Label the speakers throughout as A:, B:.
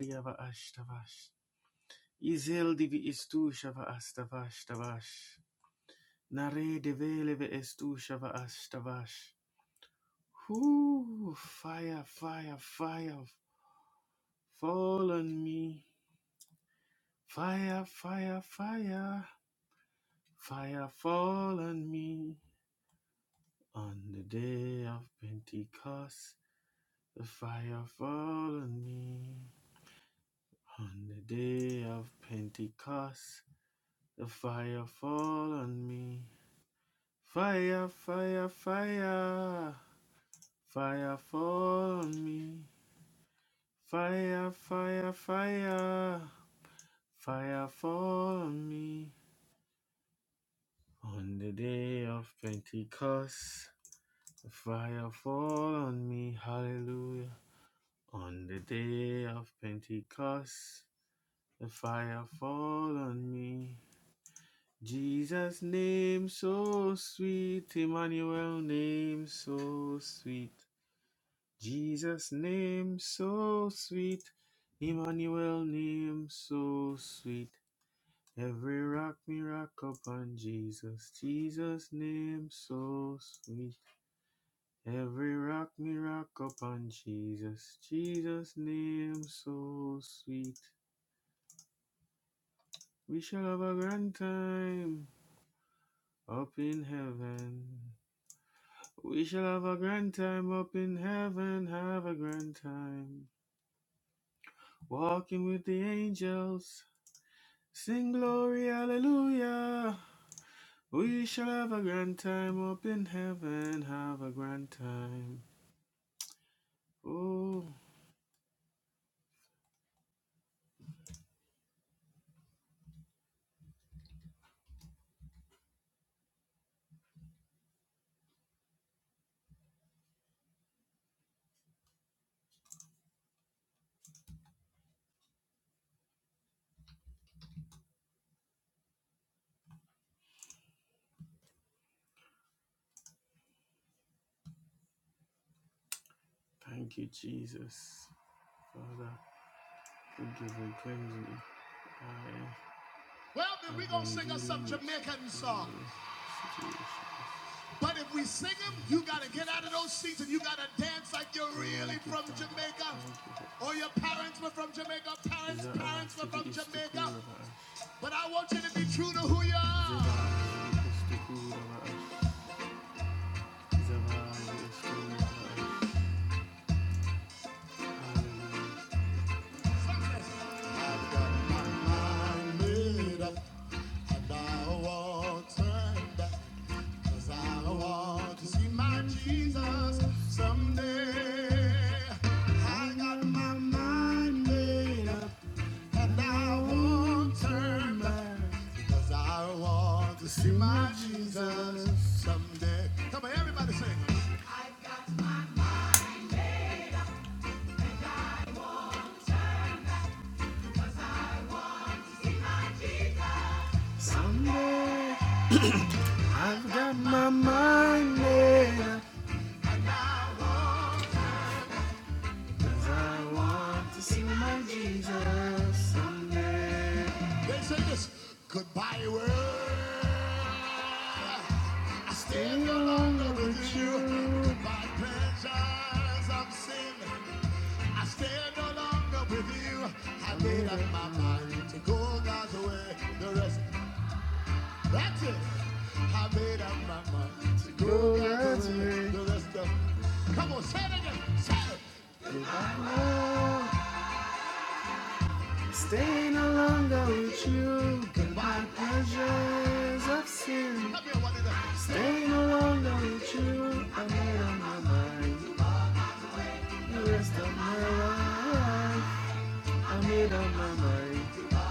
A: Yavash Tavash. Izel divi istu shava astavash tavash. Nare develeve estu shava astavash. Whoo, fire, fire, fire. Fall on me. Fire, fire, fire. Fire fall on me. On the day of Pentecost, the fire fall on me. On the day of Pentecost, the fire fall on me. Fire, fire, fire, fire for me. Fire, fire, fire, fire for me. On the day of Pentecost, fire fall on me, hallelujah. On the day of Pentecost, the fire fall on me. Jesus' name so sweet, Emmanuel name so sweet. Jesus name so sweet, Emmanuel name so sweet. Every rock me rock upon Jesus, Jesus name so sweet. Every rock me rock upon Jesus, Jesus name so sweet. We shall have a grand time up in heaven. We shall have a grand time up in heaven, have a grand time. Walking with the angels, Sing glory, hallelujah. We shall have a grand time up in heaven. Have a grand time. Oh, thank you, Jesus. Father, forgive and cleanse me. I well, then we're going to sing us some Jamaican song. Situation. But if we sing them, you got to get out of those seats and you got to dance like you're really from Jamaica. Or your parents were from Jamaica, parents' parents were from Jamaica. But I want you to be true to who you are. I've got my mind made up and I won't turn back. Cause I want to see my Jesus someday. I got my mind made up and I won't turn back. Because I want to see my Jesus someday. Come on, everybody sing. Someday I've got my mind made up. and I won't I want to see my Jesus someday. They say this goodbye world. I stay no longer with you. Goodbye pleasures of sin. I stay no longer with you. I made up my mind to go God's way. The rest, that's it. I made up my mind to go God's way. The rest of, come on, say it again. Say it. Goodbye Staying longer with you than my pleasures of sin. Staying longer with you, I made up my mind. The rest of my life, I made up my mind.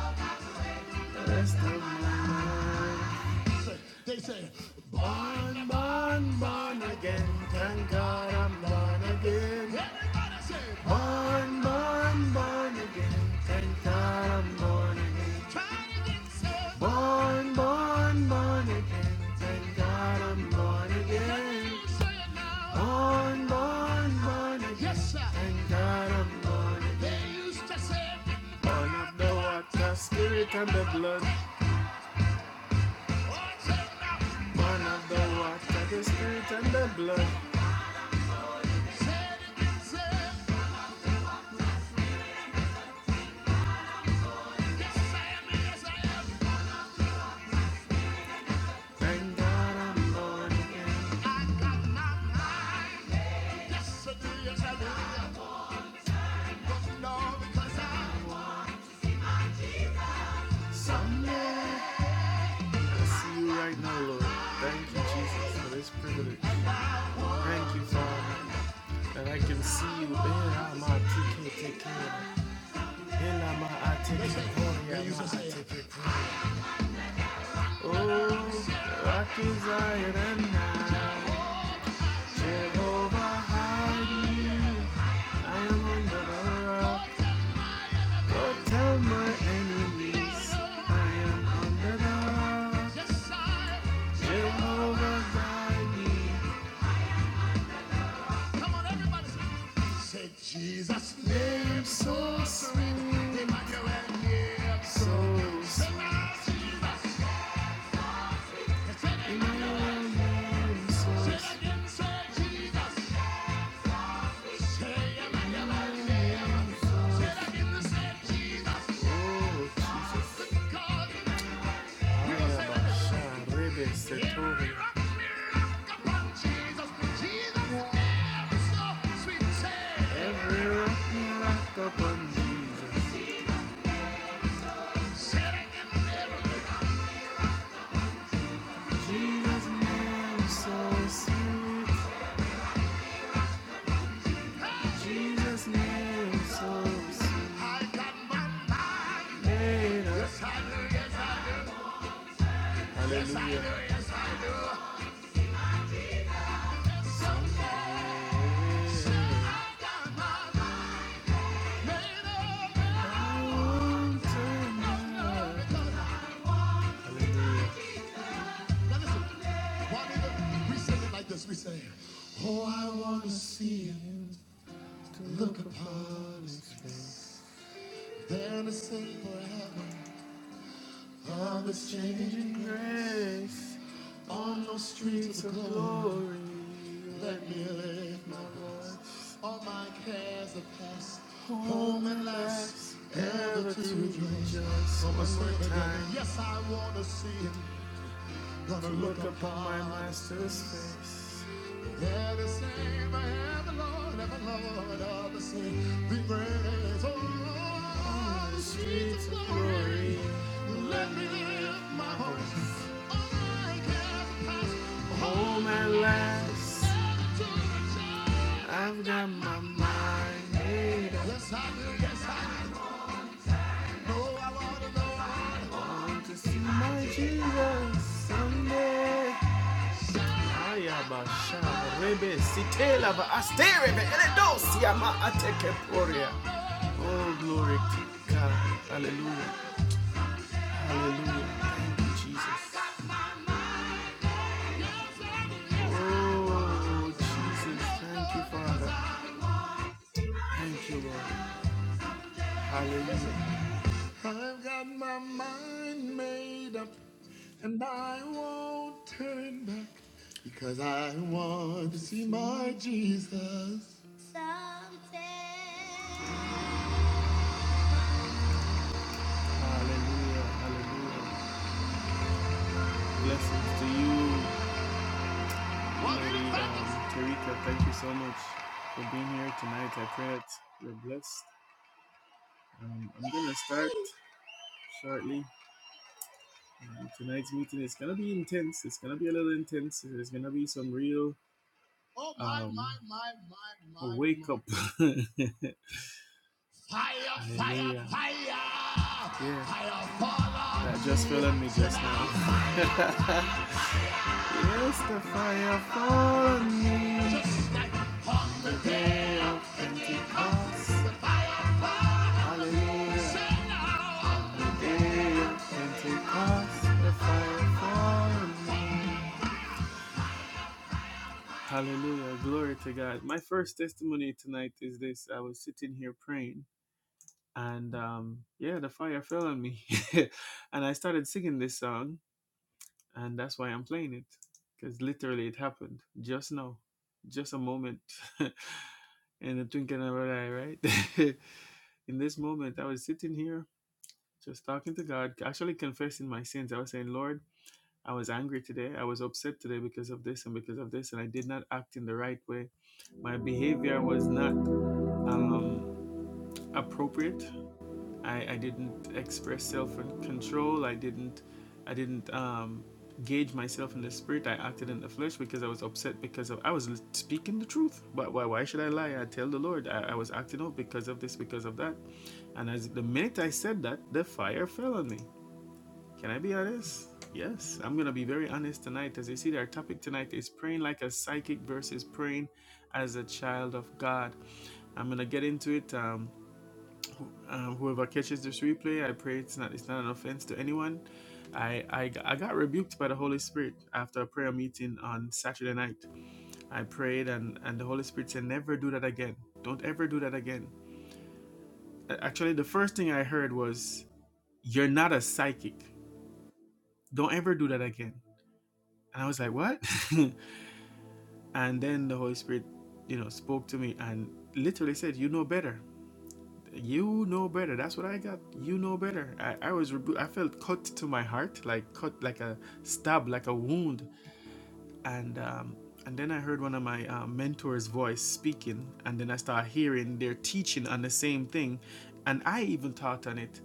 A: The rest of my life. They say. Born, born, born again. Thank God I'm born again. Everybody say, born, born, born again. Thank God I'm born again. Try it again, sir. Born, born, born again. Thank God I'm born again. You Say it now. Born, born, born again. Yes, sir. Thank God I'm born again. They used to say, born of the water, spirit, and the blood. Watch Born of the water, the spirit, and the blood. Yes, I am. Yes, I am. Thank God I'm born again. I got my mind. Yes, I do. Yes, I do. Don't because I want Someday I see you right now, Lord. Thank you, Jesus, for this privilege. Thank you, Father, that I can see you. Ela ma tike teke. Ela ma ateke Listen, pori they used ama to say, ateke Oh, rock is iron and now. Jehovah hide me. I am under the rock. Go tell my enemies I am under the rock. Jehovah hide me. Come on, everybody. Say Jesus' name so sweet, so sweet. Emmanuel, name so sweet. Oh, Jesus. Arabasha, Rebe, Setori. Every rock we rock upon Jesus. Jesus' name so sweet. Jesus' knew so soon. I got my mind Made up. Hallelujah. I do. yes, I do. Hallelujah. Yes I do, yes, I do. Someday, soon I got my mind made up. I want to know. Hallelujah. Now listen, why don't we sing it like this? We say, oh, I want to see him, look upon his face. There to sing forever. Always changing grace on those streets of glory. Let me lift my voice. All my cares are past, home and last, ever to rejoice. So much more time. Yes, I wanna see him. Gonna look upon my master's face. Let us sing the hand of the Lord, and the Lord of the sea. The praise on the streets of glory. Let me lift my voice. All I can pass. Oh, my last, I've got my mind made up. Yes, I do. Yes, no, I want to know. Want to see my Jesus someday. Ayabasha rebe sitela asterebe eledosia ma atekeporia. Oh glory to God. Hallelujah. Hallelujah. Thank you, Jesus. Oh Jesus. Thank you, Father. Thank you, Lord. Hallelujah. I've got my mind made up and I won't turn back because I want to see my Jesus. Someday. Hallelujah, hallelujah. Blessings to you, Lady um, Tarika. Thank you so much for being here tonight. I pray that you're blessed. Um, I'm going to start shortly. Um, tonight's meeting is going to be intense. It's going to be a little intense. There's going to be some real Oh, my, um, a wake my. up. fire, fire, Hallelujah. fire. Yeah. Fire, fall on that just fell on me me just tonight. now. Is the fire for me? The day of Pentecost, hallelujah. The Day of Pentecost, the fire for me. Hallelujah, glory to God. My first testimony tonight is this I was sitting here praying, and um, yeah, the fire fell on me. and I started singing this song, and that's why I'm playing it, because literally it happened just now, just a moment. in the twinkling of an eye, right? in this moment, I was sitting here just talking to God, actually confessing my sins. I was saying, Lord, I was angry today. I was upset today because of this and because of this, and I did not act in the right way. My behavior was not um, appropriate I, I didn't express self control. I didn't I didn't um, gauge myself in the spirit. I acted in the flesh because I was upset because of I was speaking the truth. But why why should I lie? I tell the Lord I, I was acting up because of this, because of that. And as the minute I said that, the fire fell on me. Can I be honest? Yes, I'm gonna be very honest tonight. As you see, our topic tonight is praying like a psychic versus praying as a child of God. I'm gonna get into it. Um, um, whoever catches this replay, I pray it's not it's not an offense to anyone. I—I—I got rebuked by the Holy Spirit after a prayer meeting on Saturday night. I prayed and and the Holy Spirit said, "Never do that again. Don't ever do that again." Actually, the first thing I heard was, "You're not a psychic. Don't ever do that again." And I was like, "What?" and then the Holy Spirit, you know, spoke to me and literally said, "You know better." you know better. That's what I got. You know better. I, I was, rebu- I felt cut to my heart, like cut, like a stab, like a wound and um, and then I heard one of my uh, mentors' voice speaking, and then I started hearing their teaching on the same thing, and I even taught on it,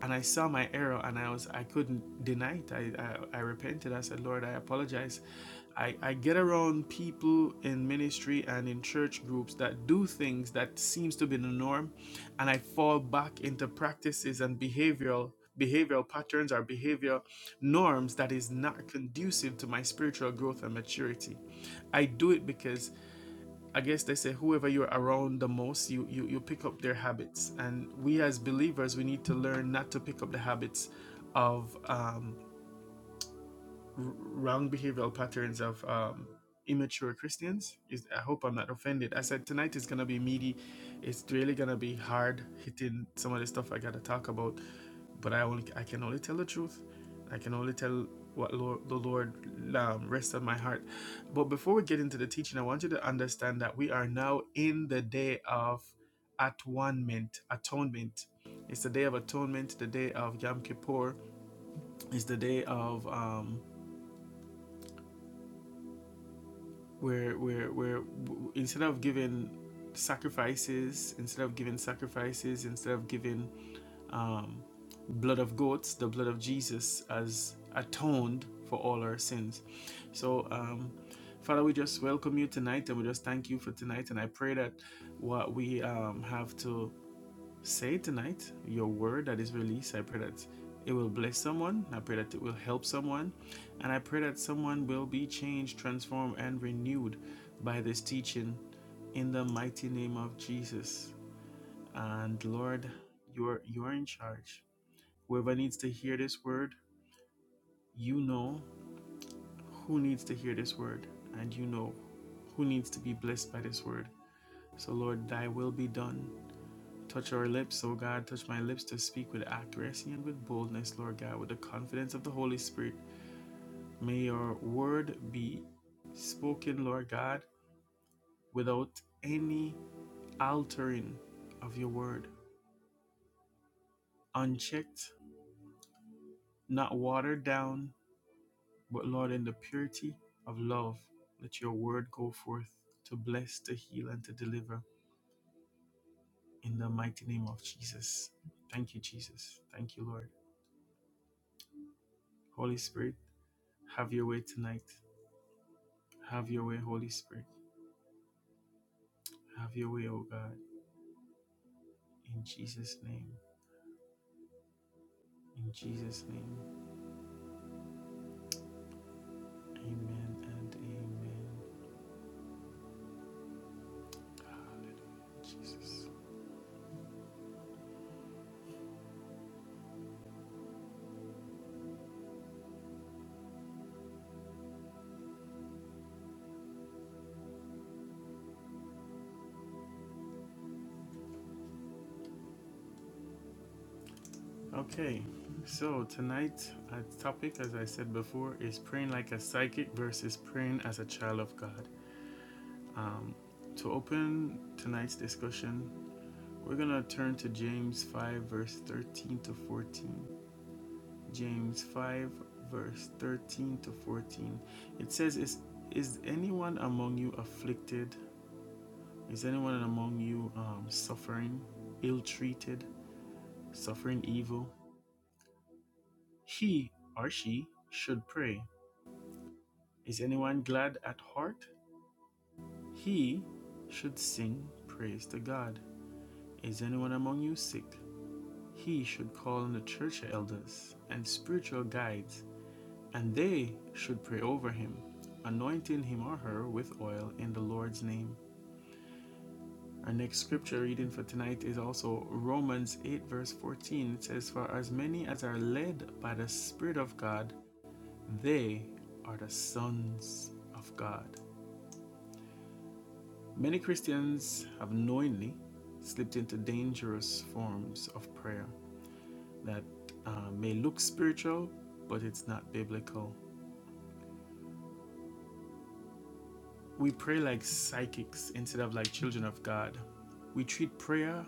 A: and I saw my error, and I was I couldn't deny it. I I, I repented. I said, Lord, I apologize. I, I get around people in ministry and in church groups that do things that seems to be the norm and I fall back into practices and behavioral behavioral patterns or behavior norms that is not conducive to my spiritual growth and maturity. I do it because I guess they say whoever you're around the most, you, you you pick up their habits. And we as believers, we need to learn not to pick up the habits of um, wrong behavioral patterns of um, immature Christians. Is I hope I'm not offended. I said tonight is gonna be meaty. It's really gonna be hard hitting some of the stuff I gotta talk about. But I only I can only tell the truth. I can only tell what Lord, the Lord um, rests on my heart. But before we get into the teaching, I want you to understand that we are now in the day of atonement. Atonement. It's the day of atonement. The day of Yom Kippur. It's the day of um, where where where instead of giving sacrifices, instead of giving sacrifices, instead of giving um, blood of goats, the blood of Jesus has atoned for all our sins. So, um, Father, we just welcome you tonight, and we just thank you for tonight. And I pray that what we um, have to say tonight your word that is released. I pray that it will bless someone. I pray that it will help someone. And I pray that someone will be changed, transformed, and renewed by this teaching in the mighty name of Jesus. And Lord, you're you're in charge. Whoever needs to hear this word, you know who needs to hear this word, and you know who needs to be blessed by this word. So Lord, thy will be done Touch our lips, O God, touch my lips to speak with accuracy and with boldness, Lord God, with the confidence of the Holy Spirit. May your word be spoken, Lord God, without any altering of your word, unchecked, not watered down, but Lord, in the purity of love, let your word go forth to bless, to heal, and to deliver in the mighty name of Jesus. Thank you, Jesus. Thank you, Lord. Holy Spirit, have your way tonight. Have your way, Holy Spirit. Have your way, O God. In Jesus' name. In Jesus' name. Amen and amen. Hallelujah, Jesus. Okay, so tonight our topic, as I said before, is praying like a psychic versus praying as a child of God. Um, to open tonight's discussion, we're gonna turn to James 5, verse 13 to 14. James 5, verse 13 to 14. It says, Is, is anyone among you afflicted? Is anyone among you um, suffering, ill treated, suffering evil? He or she should pray. Is anyone glad at heart? He should sing praise to God. Is anyone among you sick? He should call on the church elders and spiritual guides And they should pray over him, anointing him or her with oil in the Lord's name. Our next scripture reading for tonight is also Romans 8, verse 14. It says, For as many as are led by the Spirit of God, they are the sons of God. Many Christians have knowingly slipped into dangerous forms of prayer that uh, may look spiritual, but it's not biblical. We pray like psychics instead of like children of God. We treat prayer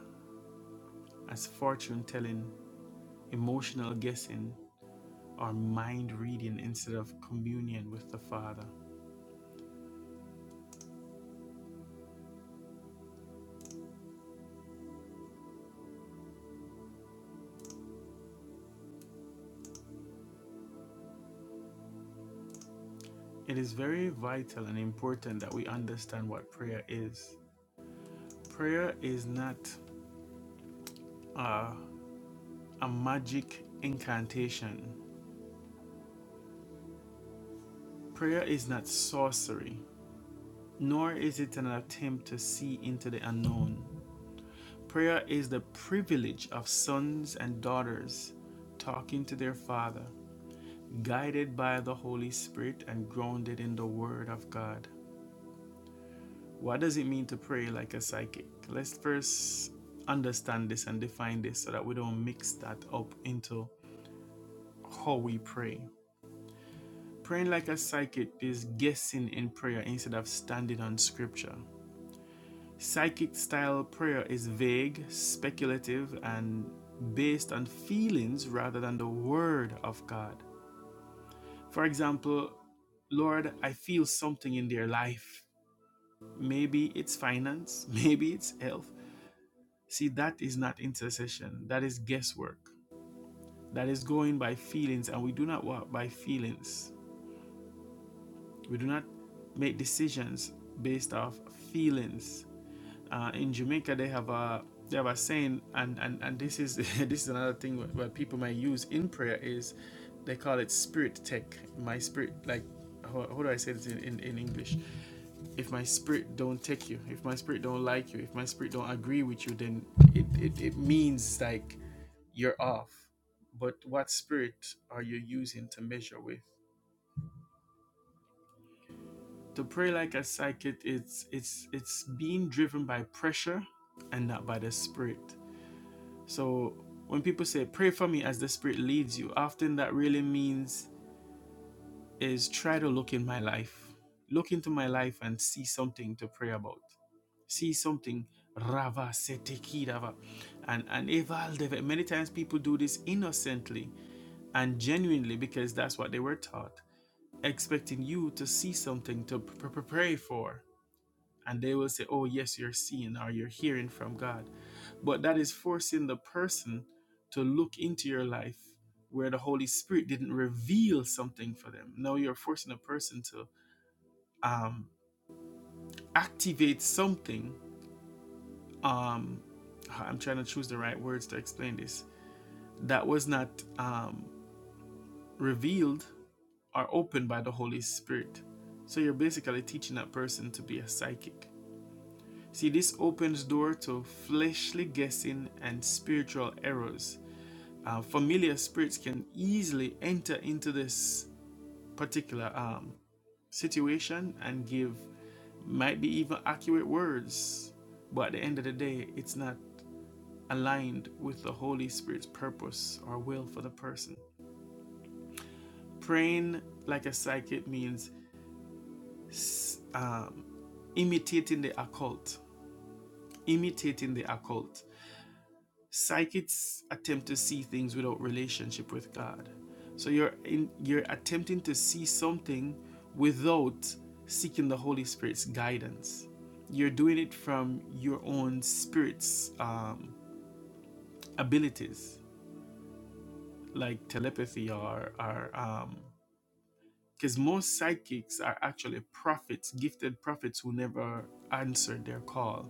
A: as fortune telling, emotional guessing, or mind reading instead of communion with the Father. It is very vital and important that we understand what prayer is. Prayer is not uh, a magic incantation, prayer is not sorcery, nor is it an attempt to see into the unknown. Prayer is the privilege of sons and daughters talking to their Father, guided by the Holy Spirit and grounded in the Word of God. What does it mean to pray like a psychic? Let's first understand this and define this so that we don't mix that up into how we pray. Praying like a psychic is guessing in prayer instead of standing on scripture. Psychic style prayer is vague, speculative, and based on feelings rather than the word of God. For example, Lord, I feel something in their life. Maybe it's finance, maybe it's health. See, that is not intercession. That is guesswork. That is going by feelings, and we do not walk by feelings. We do not make decisions based off feelings. Uh, in Jamaica, they have a they have a saying, and and, and this is this is another thing where, where people might use in prayer is they call it spirit tech. My spirit, like how, how do I say this in, in, in English? If my spirit don't take you, if my spirit don't like you, if my spirit don't agree with you, then it, it, it means like you're off. But what spirit are you using to measure with? to pray like a psychic it's it's it's being driven by pressure and not by the spirit so when people say pray for me as the spirit leads you often that really means is try to look in my life look into my life and see something to pray about see something rava setekirava and and eval deve- many times people do this innocently and genuinely because that's what they were taught expecting you to see something to pray for and they will say, Oh, yes, you're seeing or you're hearing from God. But that is forcing the person to look into your life where the Holy Spirit didn't reveal something for them. Now you're forcing a person to um, activate something. Um, I'm trying to choose the right words to explain this. That was not um, revealed or opened by the Holy Spirit. So you're basically teaching that person to be a psychic. See, this opens door to fleshly guessing and spiritual errors uh, familiar spirits can easily enter into this particular um, situation and give might be even accurate words but at the end of the day it's not aligned with the holy spirit's purpose or will for the person praying like a psychic means um, imitating the occult imitating the occult psychics attempt to see things without relationship with god so you're in you're attempting to see something without seeking the holy spirit's guidance you're doing it from your own spirit's um, abilities like telepathy or or um because most psychics are actually prophets gifted prophets who never answered their call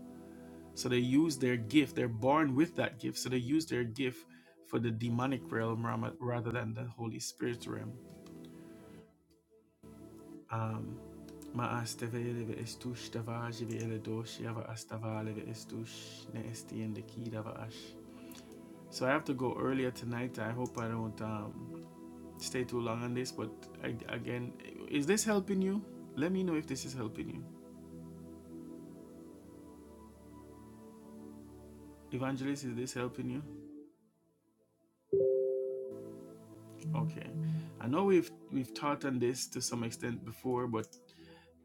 A: So they use their gift. They're born with that gift. So they use their gift for the demonic realm ram- rather than the Holy Spirit realm. Um, Ma'as tevele ve estush davaj ve eledosh yava astavale ve estush ne esti de ki ash. So I have to go earlier tonight. I hope I don't um, stay too long on this. But I, again, is this helping you? Let me know if this is helping you. Evangelist, is this helping you? Okay. I know we've we've taught on this to some extent before, but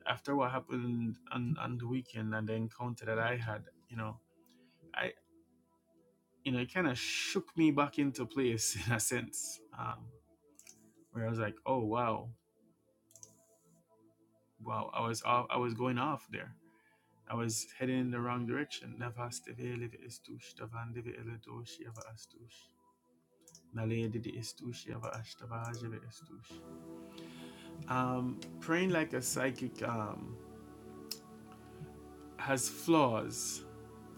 A: after what happened on, on the weekend and the encounter that I had, you know, I you know it kind of shook me back into place in a sense, um, where I was like, oh wow, wow, I was off, I was going off there. I was heading in the wrong direction. Navaste vele ve estush, davande ava astush. Naledi di estush, ava ashtavaje ve Um, praying like a psychic um, has flaws,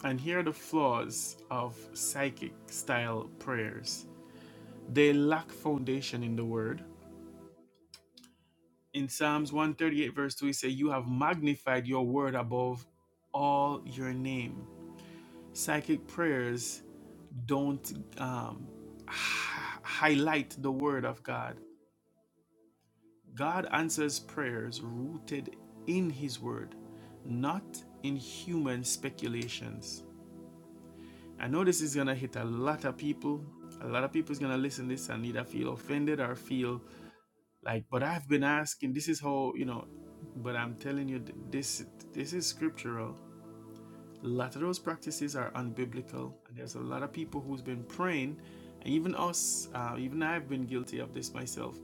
A: and here are the flaws of psychic style prayers They lack foundation in the word. In Psalms 138, verse 2, it says, You have magnified your word above all your name. Psychic prayers don't um, h- highlight the word of God. God answers prayers rooted in his word, not in human speculations. I know this is gonna hit a lot of people. A lot of people is gonna listen to this and either feel offended or feel like but i've been asking this is how you know but i'm telling you th- this this is scriptural a lot of those practices are unbiblical, and there's a lot of people who's been praying, and even us, uh, even I've been guilty of this myself,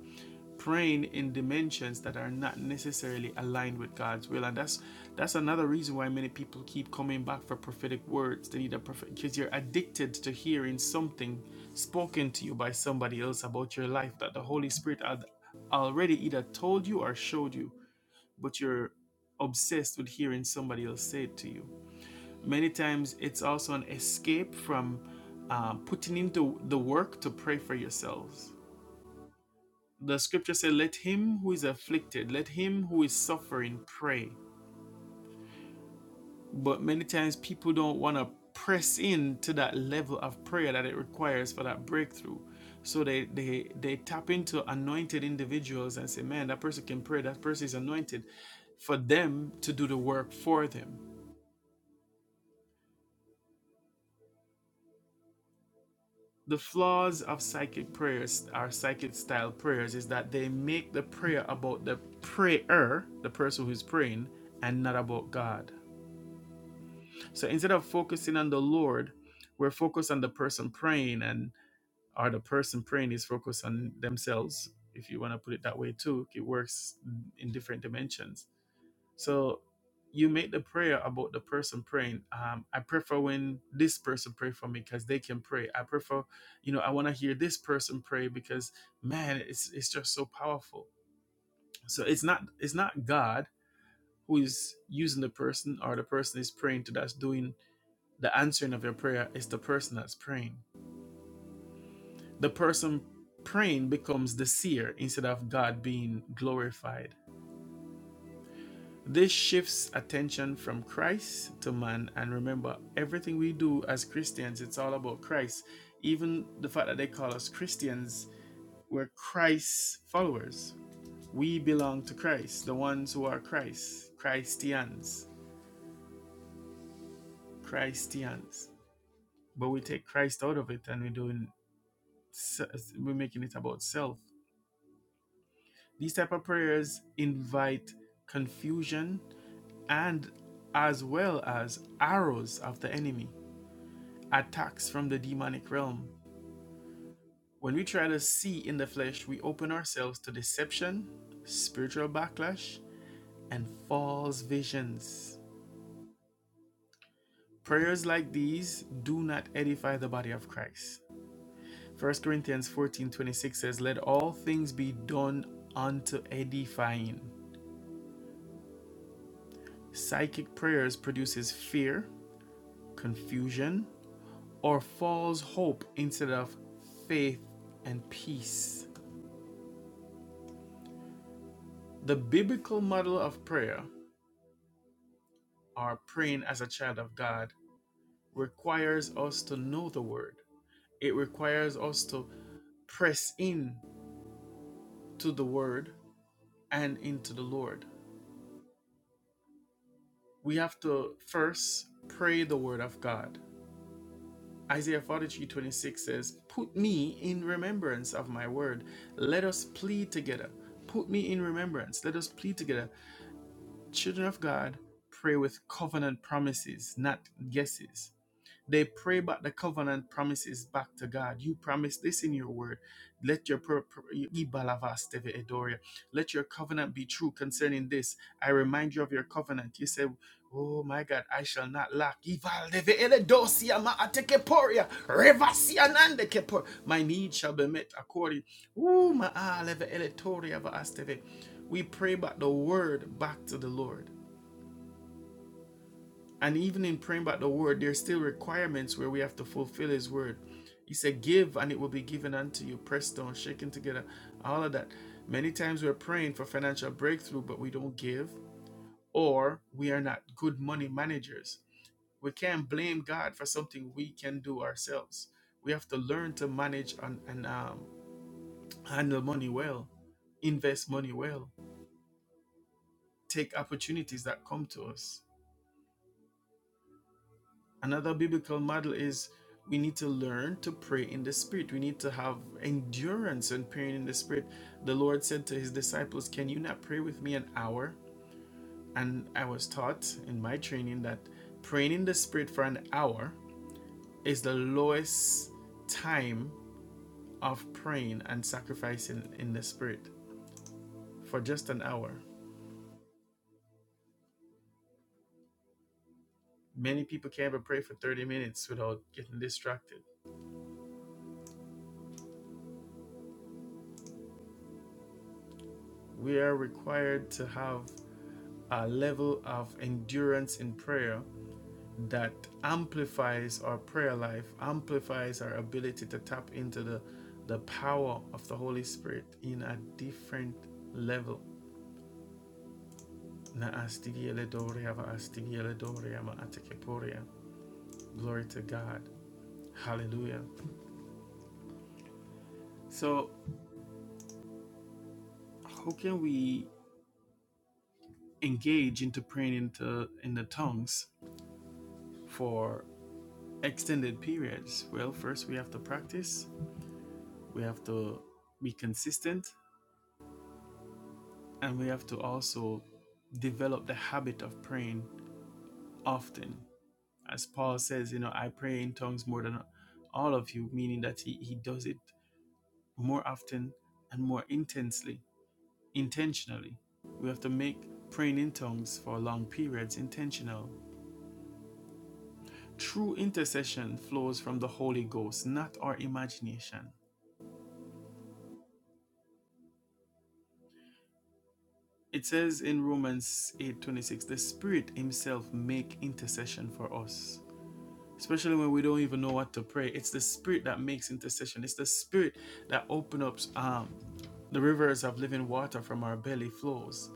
A: praying in dimensions that are not necessarily aligned with God's will, and that's that's another reason why many people keep coming back for prophetic words. They need a prophet because you're addicted to hearing something spoken to you by somebody else about your life that the Holy Spirit had already either told you or showed you, but you're obsessed with hearing somebody else say it to you Many times it's also an escape from uh, putting into the work to pray for yourselves. The scripture says, Let him who is afflicted, let him who is suffering pray. But many times people don't want to press in to that level of prayer that it requires for that breakthrough. So they, they they tap into anointed individuals and say, Man, that person can pray, that person is anointed for them to do the work for them. the flaws of psychic prayers or psychic style prayers is that they make the prayer about the prayer, the person who's praying, and not about God. So instead of focusing on the Lord, we're focused on the person praying, and or the person praying is focused on themselves. If you want to put it that way too, it works in different dimensions so you make the prayer about the person praying. Um, I prefer when this person pray for me because they can pray. I prefer, you know, I want to hear this person pray because man, it's it's just so powerful. So it's not it's not God who is using the person or the person is praying to that's doing the answering of your prayer. It's the person that's praying. The person praying becomes the seer instead of God being glorified This shifts attention from Christ to man. And remember, everything we do as Christians, it's all about Christ. Even the fact that they call us Christians, we're Christ's followers. We belong to Christ, the ones who are Christ, Christians, Christians. But we take Christ out of it and we're doing, we're making it about self. These type of prayers invite confusion and as well as arrows of the enemy attacks from the demonic realm. When we try to see in the flesh, we open ourselves to deception, spiritual backlash, and false visions. Prayers like these do not edify the body of Christ. First Corinthians 14 26 says, Let all things be done unto edifying. Psychic prayers produces fear, confusion, or false hope instead of faith and peace. The biblical model of prayer or praying as a child of God requires us to know the word. It requires us to press in to the word and into the Lord. We have to first pray the word of God. Isaiah 43:26 says, Put me in remembrance of my word. Let us plead together. Put me in remembrance. Let us plead together. Children of God, pray with covenant promises, not guesses. They pray back the covenant promises back to God. You promised this in your word. Let your pro- pro- Ibalavasteve edoria. let your covenant be true concerning this. I remind you of your covenant. You said, Oh my God, I shall not lack. Ivaldeve eledosia maatekeporia, revasianande kepo- My need shall be met according. Ooh, maaleve eletoria vaasteve. We pray back the word back to the Lord. And even in praying about the word, there's still requirements where we have to fulfill his word. He said, Give and it will be given unto you, pressed down, shaken together, all of that. Many times we're praying for financial breakthrough, but we don't give, or we are not good money managers. We can't blame God for something we can do ourselves. We have to learn to manage and, and um, handle money well, invest money well, take opportunities that come to us. Another biblical model is we need to learn to pray in the spirit. We need to have endurance in praying in the spirit. The Lord said to his disciples, Can you not pray with me an hour? And I was taught in my training that praying in the spirit for an hour is the lowest time of praying and sacrificing in the spirit for just an hour. Many people can't even pray for 30 minutes without getting distracted. We are required to have a level of endurance in prayer that amplifies our prayer life, amplifies our ability to tap into the, the power of the Holy Spirit in a different level. Na astigele doria va astigele doria ma atekeporia. Glory to God. Hallelujah. So, how can we engage into praying into in the tongues for extended periods? Well, first we have to practice we have to be consistent and we have to also develop the habit of praying often as paul says you know i pray in tongues more than all of you meaning that he, he does it more often and more intensely intentionally we have to make praying in tongues for long periods intentional true intercession flows from the holy ghost not our imagination it says in romans 8 26, the spirit himself make intercession for us especially when we don't even know what to pray. It's the Spirit that makes intercession. It's the Spirit that opens up um, the rivers of living water from our belly flows.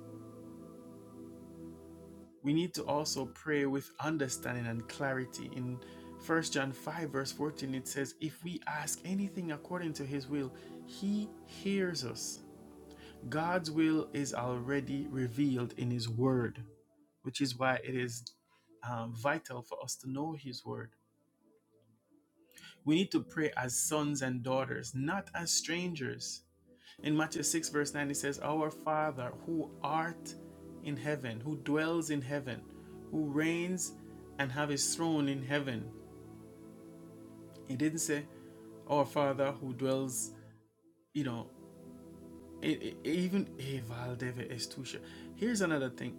A: We need to also pray with understanding and clarity. In First John 5, verse 14, it says, If we ask anything according to his will, he hears us. God's will is already revealed in his word, which is why it is um, vital for us to know his word. We need to pray as sons and daughters, not as strangers. In Matthew 6, verse 9, it says, Our Father who art in heaven, who dwells in heaven, who reigns and have his throne in heaven. It didn't say, Our Father who dwells, you know, it, it- even "Eh, Estusha. Here's another thing.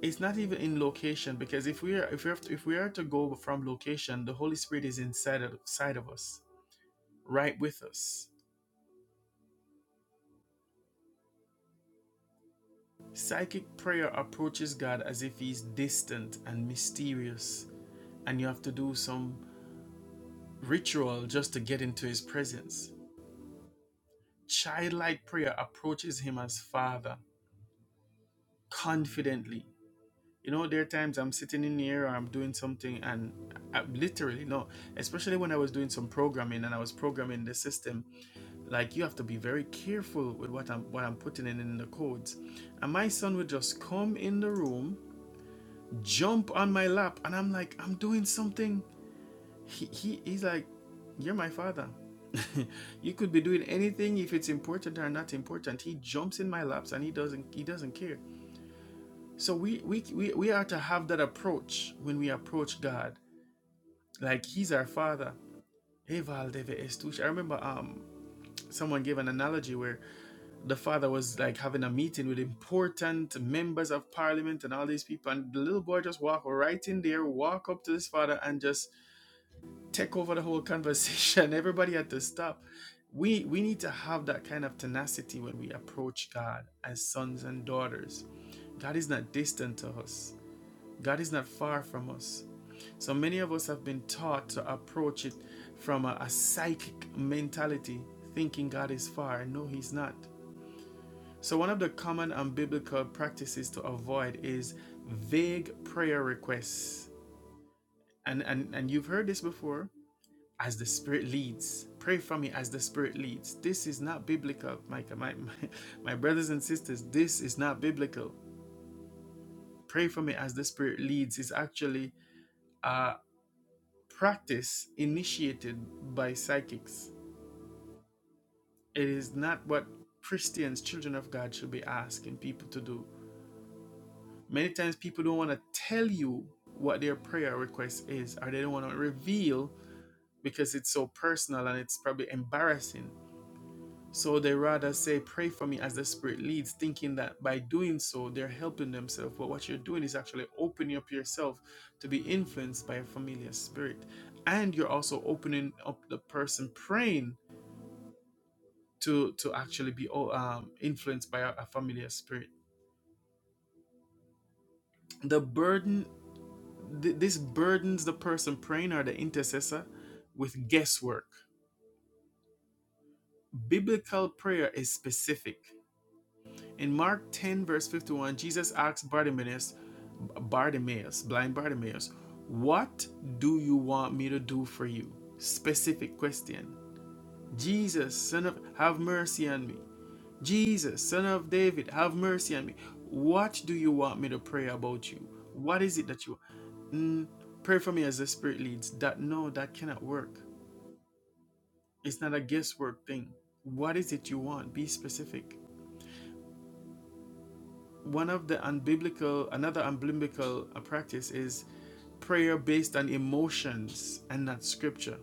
A: It's not even in location because if we are if we have to, if we are to go from location, the Holy Spirit is inside of, inside of us, right with us. Psychic prayer approaches God as if He's distant and mysterious, and you have to do some ritual just to get into His presence. Childlike prayer approaches Him as Father confidently. You know, there are times I'm sitting in here or I'm doing something, and I, literally, no, especially when I was doing some programming and I was programming the system, like you have to be very careful with what I'm what I'm putting in in the codes. And my son would just come in the room jump on my lap and i'm like i'm doing something he, he he's like you're my father you could be doing anything if it's important or not important he jumps in my laps and he doesn't he doesn't care so we we we, we are to have that approach when we approach god like he's our father Hey, I remember um, someone gave an analogy where the father was like having a meeting with important members of parliament and all these people, and the little boy just walked right in there, walk up to his father, and just take over the whole conversation. Everybody had to stop. We we need to have that kind of tenacity when we approach God as sons and daughters. God is not distant to us. God is not far from us. So many of us have been taught to approach it from a, a psychic mentality, thinking God is far. No, He's not. So one of the common and biblical practices to avoid is vague prayer requests. And and, and you've heard this before as the Spirit leads. Pray for me as the Spirit leads. This is not biblical, Micah. My, my, my brothers and sisters, this is not biblical. Pray for me as the Spirit leads is actually a practice initiated by psychics. It is not what Christians, children of God, should be asking people to do. Many times people don't want to tell you what their prayer request is, or they don't want to reveal because it's so personal and it's probably embarrassing. So they rather say, Pray for me as the Spirit leads, thinking that by doing so, they're helping themselves. But what you're doing is actually opening up yourself to be influenced by a familiar spirit. And you're also opening up the person praying to, to actually be oh, um, influenced by a, a familiar spirit. The burden, th- this burdens the person praying or the intercessor with guesswork. Biblical prayer is specific In Mark 10, verse 51, Jesus asked Bartimaeus, Bartimaeus, blind Bartimaeus, What do you want me to do for you? Specific question. Jesus, son of, have mercy on me. Jesus, son of David, have mercy on me. What do you want me to pray about you? What is it that you mm, pray for me as the Spirit leads? That no, that cannot work. It's not a guesswork thing. What is it you want? Be specific. one of the unbiblical, another unbiblical uh, practice is prayer based on emotions and not scripture.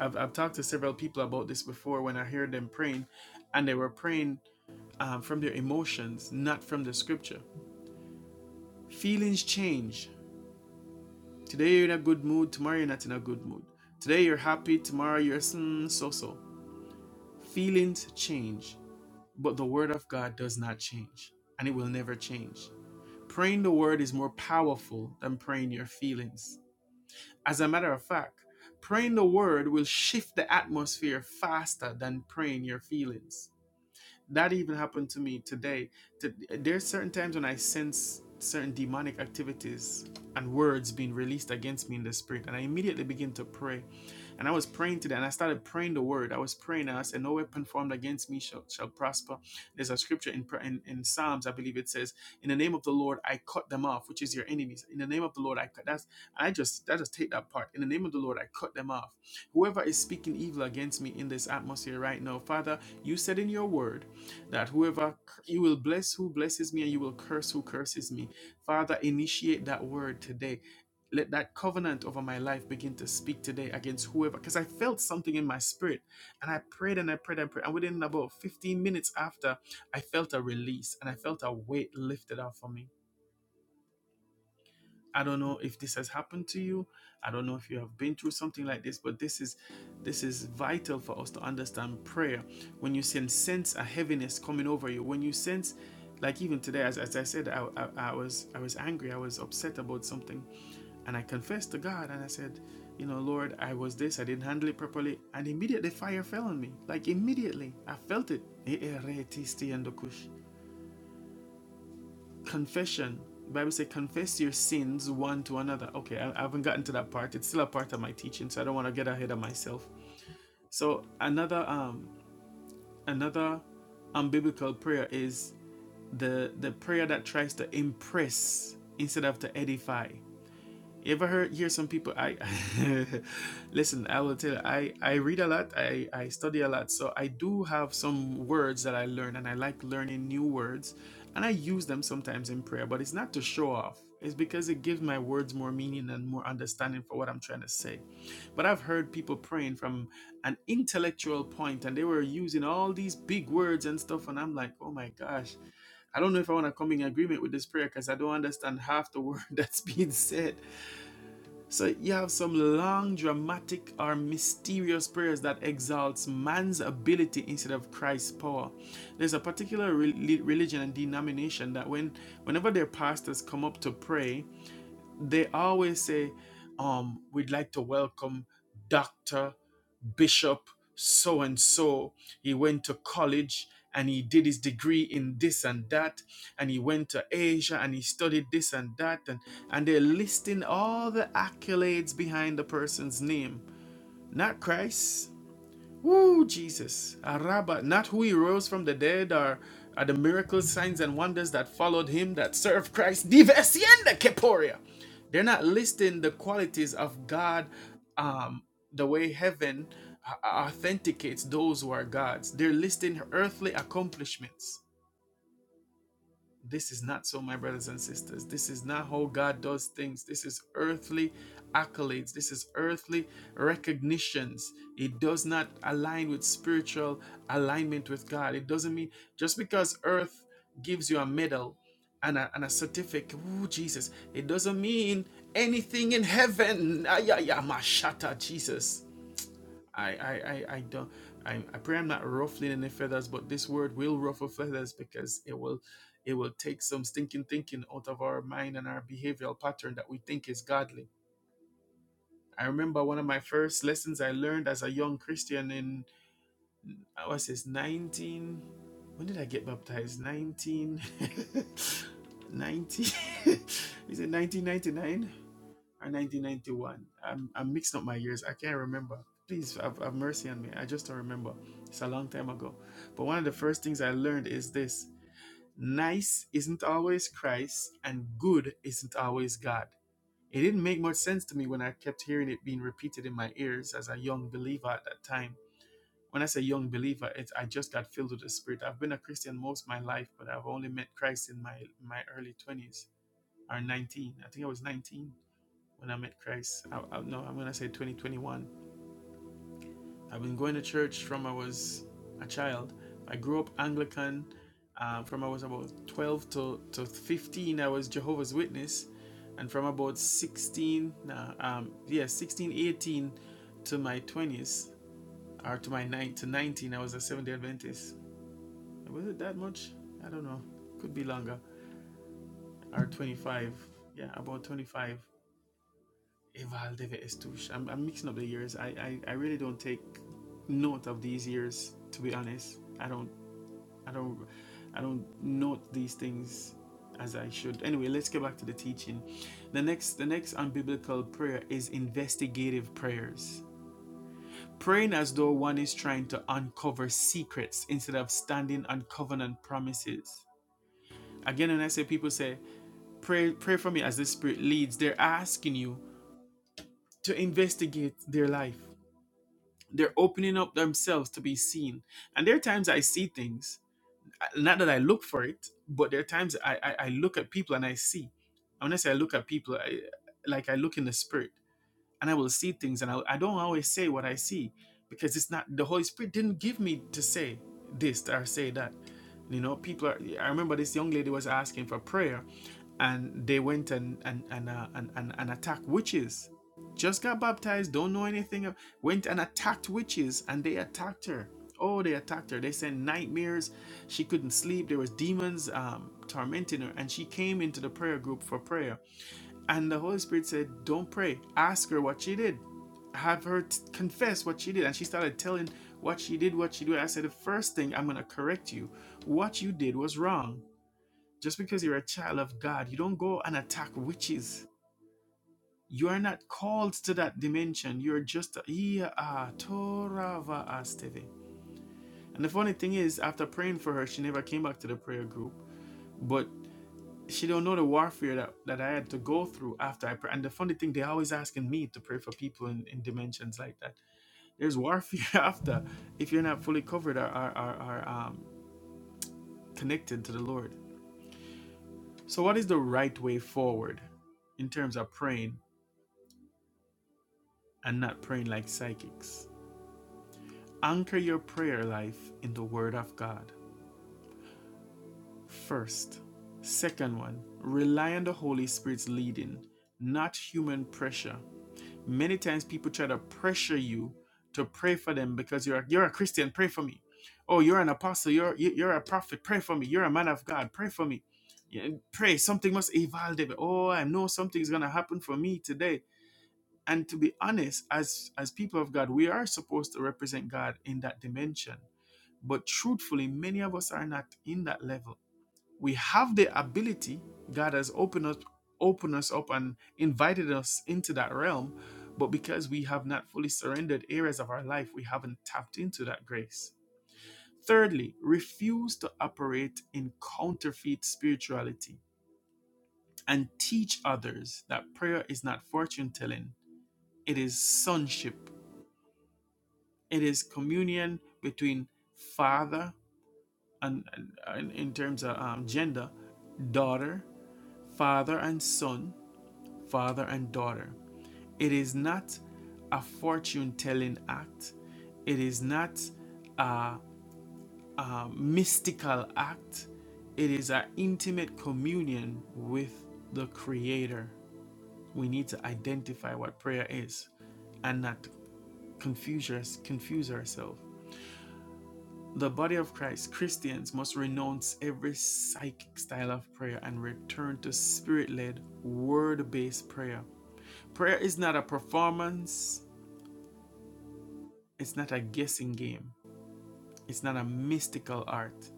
A: I've, I've talked to several people about this before when I heard them praying, and they were praying um, from their emotions, not from the scripture. Feelings change. Today you're in a good mood, tomorrow you're not in a good mood. Today you're happy, tomorrow you're so so. Feelings change, but the word of God does not change, and it will never change. Praying the word is more powerful than praying your feelings. As a matter of fact, praying the word will shift the atmosphere faster than praying your feelings. That even happened to me today. To- There's certain times when I sense certain demonic activities and words being released against me in the spirit, and I immediately begin to pray. And I was praying today, and I started praying the word. I was praying, and I said, "No weapon formed against me shall, shall prosper." There's a scripture in, pra- in in Psalms, I believe it says, "In the name of the Lord, I cut them off," which is your enemies. In the name of the Lord, I cut. That's I just I just take that part. In the name of the Lord, I cut them off. Whoever is speaking evil against me in this atmosphere right now, Father, you said in your word that whoever you will bless who blesses me and you will curse who curses me. Father, initiate that word today. Let that covenant over my life begin to speak today against whoever, because I felt something in my spirit and I prayed and I prayed and prayed. And within about 15 minutes after, I felt a release and I felt a weight lifted off of me. I don't know if this has happened to you. I don't know if you have been through something like this, but this is this is vital for us to understand prayer. When you sense a heaviness coming over you, when you sense, like even today, as, as I said, I, I, I was I was angry, I was upset about something, and I confessed to God and I said, you know, Lord, I was this, I didn't handle it properly, and immediately fire fell on me, like immediately I felt it confession. The Bible says, confess your sins one to another. Okay, I, haven't gotten to that part. It's still a part of my teaching, so I don't want to get ahead of myself. So another um another unbiblical prayer is the the prayer that tries to impress instead of to edify. You ever heard hear some people? I listen. I will tell. You, I I read a lot. I I study a lot. So I do have some words that I learn, and I like learning new words, and I use them sometimes in prayer. But it's not to show off. It's because it gives my words more meaning and more understanding for what I'm trying to say. But I've heard people praying from an intellectual point, and they were using all these big words and stuff, and I'm like, oh my gosh, I don't know if I want to come in agreement with this prayer because I don't understand half the word that's being said so you have some long, dramatic, or mysterious prayers that exalts man's ability instead of Christ's power. There's a particular rel- religion and denomination that when whenever their pastors come up to pray, they always say, um, we'd like to welcome Dr. Bishop so and so. He went to college and he did his degree in this and that, and he went to Asia and he studied this and that, and, and they're listing all the accolades behind the person's name. Not Christ. Woo, Jesus. Araba, not who he rose from the dead are, are the miracles, signs, and wonders that followed him that serve Christ. Divesienda Keporia. They're not listing the qualities of God um, the way heaven uh, uh, authenticates those who are God's. They're listing earthly accomplishments. This is not so, my brothers and sisters. This is not how God does things. This is earthly accolades. This is earthly recognitions. It does not align with spiritual alignment with God. It doesn't mean just because earth gives you a medal and a, and a certificate, ooh, Jesus, it doesn't mean anything in heaven. Ayaya, mashata, Jesus. I, I, I, I don't. I, I pray I'm not ruffling any feathers, but this word will ruffle feathers because it will, it will take some stinking thinking out of our mind and our behavioral pattern that we think is godly. I remember one of my first lessons I learned as a young Christian in I was this 19. When did I get baptized? 19. 19. Is it 1999? and 1991. I'm, I'm mixing up my years. I can't remember. Please have, have mercy on me. I just don't remember. It's a long time ago. But one of the first things I learned is this nice isn't always Christ, and good isn't always God. It didn't make much sense to me when I kept hearing it being repeated in my ears as a young believer at that time. When I say young believer, it's I just got filled with the Spirit. I've been a Christian most of my life, but I've only met Christ in my, my early 20s or 19. I think I was 19 when I met Christ. I, I, no, I'm gonna say 2021. I've been going to church from I was a child. I grew up Anglican. Um, from I was about 12 to, to 15, I was Jehovah's Witness, and from about 16, nah, um, yeah, 16, 18 to my 20s or to my nine to 19, I was a Seventh Day Adventist. Was it that much? I don't know. Could be longer. Or 25. Yeah, about 25. Evaldeves Tush. I'm, I'm mixing up the years. I, I, I really don't take note of these years to be honest. I don't I don't I don't note these things as I should. Anyway, let's get back to the teaching. The next the next unbiblical prayer is investigative prayers. Praying as though one is trying to uncover secrets instead of standing on covenant promises. Again, when I say people say, pray pray for me as the spirit leads, they're asking you to investigate their life They're opening up themselves to be seen. And there are times I see things, not that I look for it, but there are times I, I, I look at people and I see. And when I say I look at people, I, like I look in the spirit and I will see things. And I, I don't always say what I see because it's not, the Holy Spirit didn't give me to say this or say that. You know, people are, I remember this young lady was asking for prayer and they went and, and, and, uh, and, and, and attacked witches just got baptized, don't know anything, of- went and attacked witches and they attacked her. Oh, they attacked her. They sent nightmares. She couldn't sleep. There was demons um, tormenting her. And she came into the prayer group for prayer. And the Holy Spirit said, Don't pray. Ask her what she did. Have her t- confess what she did. And she started telling what she did, what she did. I said, The first thing I'm going to correct you. What you did was wrong. Just because you're a child of God, you don't go and attack witches. You are not called to that dimension. You're just a Yeah, ah, Torava Asteve. And the funny thing is, after praying for her, she never came back to the prayer group. But she don't know the warfare that, that I had to go through after I pray. And the funny thing, they are always asking me to pray for people in, in dimensions like that. There's warfare after if you're not fully covered or, or, or, or um, connected to the Lord. So what is the right way forward in terms of praying and not praying like psychics? Anchor your prayer life in the Word of God first. Second one, rely on the Holy Spirit's leading, not human pressure. Many times people try to pressure you to pray for them because you're you're a Christian, pray for me. Oh, you're an apostle, you're you- you're a prophet, pray for me. You're a man of God, pray for me. Yeah, pray, something must evolve. Oh, I know something's gonna happen for me today. And to be honest, as as people of God, we are supposed to represent God in that dimension But truthfully, many of us are not in that level. We have the ability. God has opened us opened us up and invited us into that realm, but because we have not fully surrendered areas of our life, we haven't tapped into that grace. Thirdly, refuse to operate in counterfeit spirituality and teach others that prayer is not fortune telling. It is sonship. It is communion between Father and, and in terms of um, gender, daughter, father and son, father and daughter. It is not a fortune telling act. It is not a mystical act. It is an intimate communion with the Creator. We need to identify what prayer is and not confuse, us, confuse ourselves. The body of Christ, Christians must renounce every psychic style of prayer and return to spirit led, word based prayer. Prayer is not a performance, it's not a guessing game, it's not a mystical art.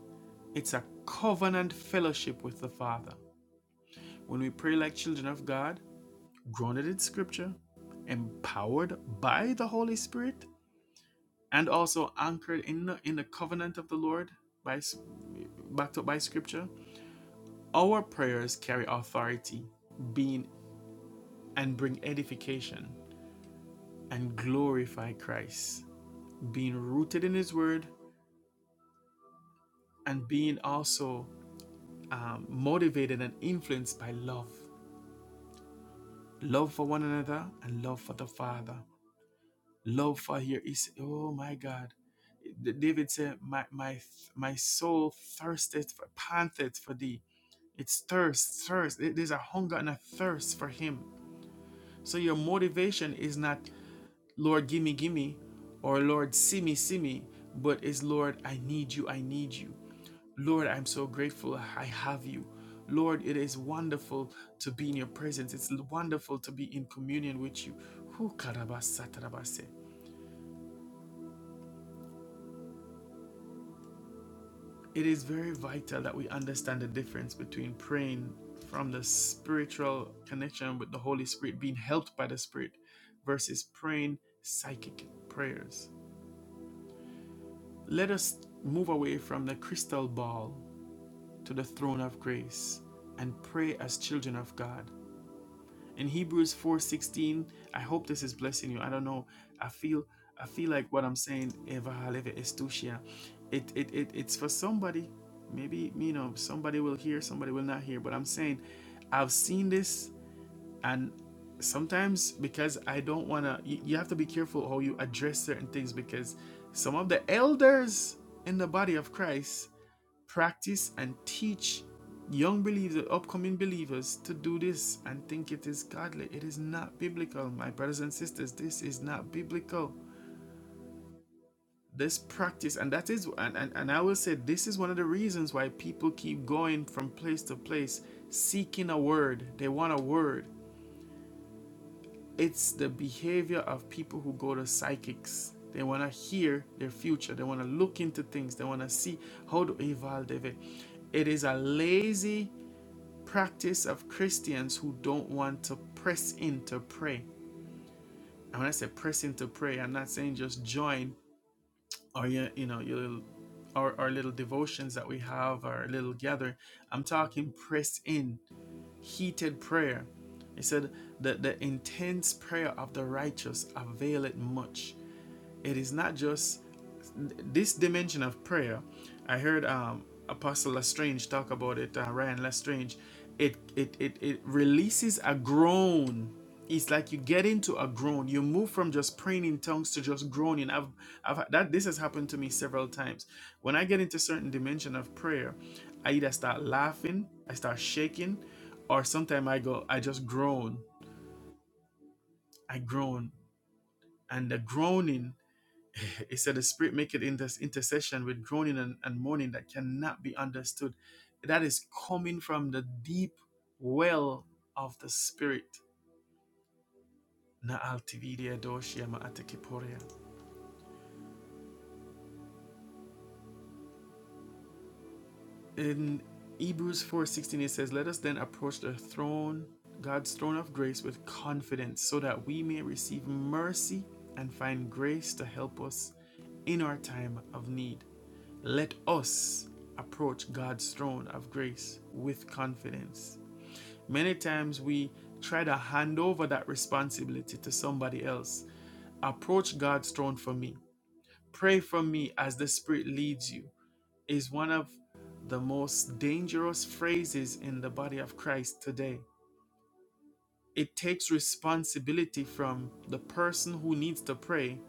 A: It's a covenant fellowship with the Father. When we pray like children of God, grounded in Scripture, empowered by the Holy Spirit, and also anchored in the, in the covenant of the Lord by backed up by Scripture, Our prayers carry authority, being and bring edification and glorify Christ, being rooted in His Word and being also um, motivated and influenced by love, love for one another and love for the Father, love for here is oh my God. David said, "My my my soul thirsteth for panteth for thee." It's thirst, thirst. There's a hunger and a thirst for Him. So your motivation is not Lord, gimme, gimme, or Lord, see me, see me, but it's Lord, I need you, I need you. Lord, I'm so grateful I have you. Lord, it is wonderful to be in your presence. It's wonderful to be in communion with you. Whew, karabasatarabase. It is very vital that we understand the difference between praying from the spiritual connection with the Holy Spirit, being helped by the Spirit, versus praying psychic prayers. Let us move away from the crystal ball to the throne of grace and pray as children of God. In Hebrews 4:16, I hope this is blessing you. I don't know. I feel I feel like what I'm saying Eva Haleve It, it it it's for somebody. Maybe you know somebody will hear, somebody will not hear, but I'm saying I've seen this and sometimes because I don't want to you, you have to be careful how you address certain things because some of the elders in the body of Christ practice and teach young believers, upcoming believers, to do this and think it is godly. It is not biblical, my brothers and sisters. This is not biblical. This practice, and that is, and, and, and I will say, this is one of the reasons why people keep going from place to place seeking a word. They want a word. It's the behavior of people who go to psychics. They want to hear their future. They want to look into things. They want to see how do evolve. It is a lazy practice of Christians who don't want to press in to pray. And when I say press in to pray, I'm not saying just join or your, you know, your little, our, our little devotions that we have, our little gathering. I'm talking press in, heated prayer. He said that the intense prayer of the righteous availeth much. It is not just this dimension of prayer. I heard um, Apostle Lestrange talk about it, uh, Ryan Lestrange. It, it, it, it releases a groan. It's like you get into a groan. You move from just praying in tongues to just groaning. I've, I've that this has happened to me several times. When I get into certain dimension of prayer, I either start laughing, I start shaking, or sometimes I go, I just groan. I groan, and the groaning It said, The Spirit maketh inter- intercession with groaning and, and moaning that cannot be understood. That is coming from the deep well of the Spirit. Na altividia doshia atekiporia. In Hebrews 4:16, it says, Let us then approach the throne, God's throne of grace, with confidence, so that we may receive mercy and find grace to help us in our time of need. Let us approach God's throne of grace with confidence. Many times we try to hand over that responsibility to somebody else. Approach God's throne for me. Pray for me as the Spirit leads you is one of the most dangerous phrases in the body of Christ today. It takes responsibility from the person who needs to pray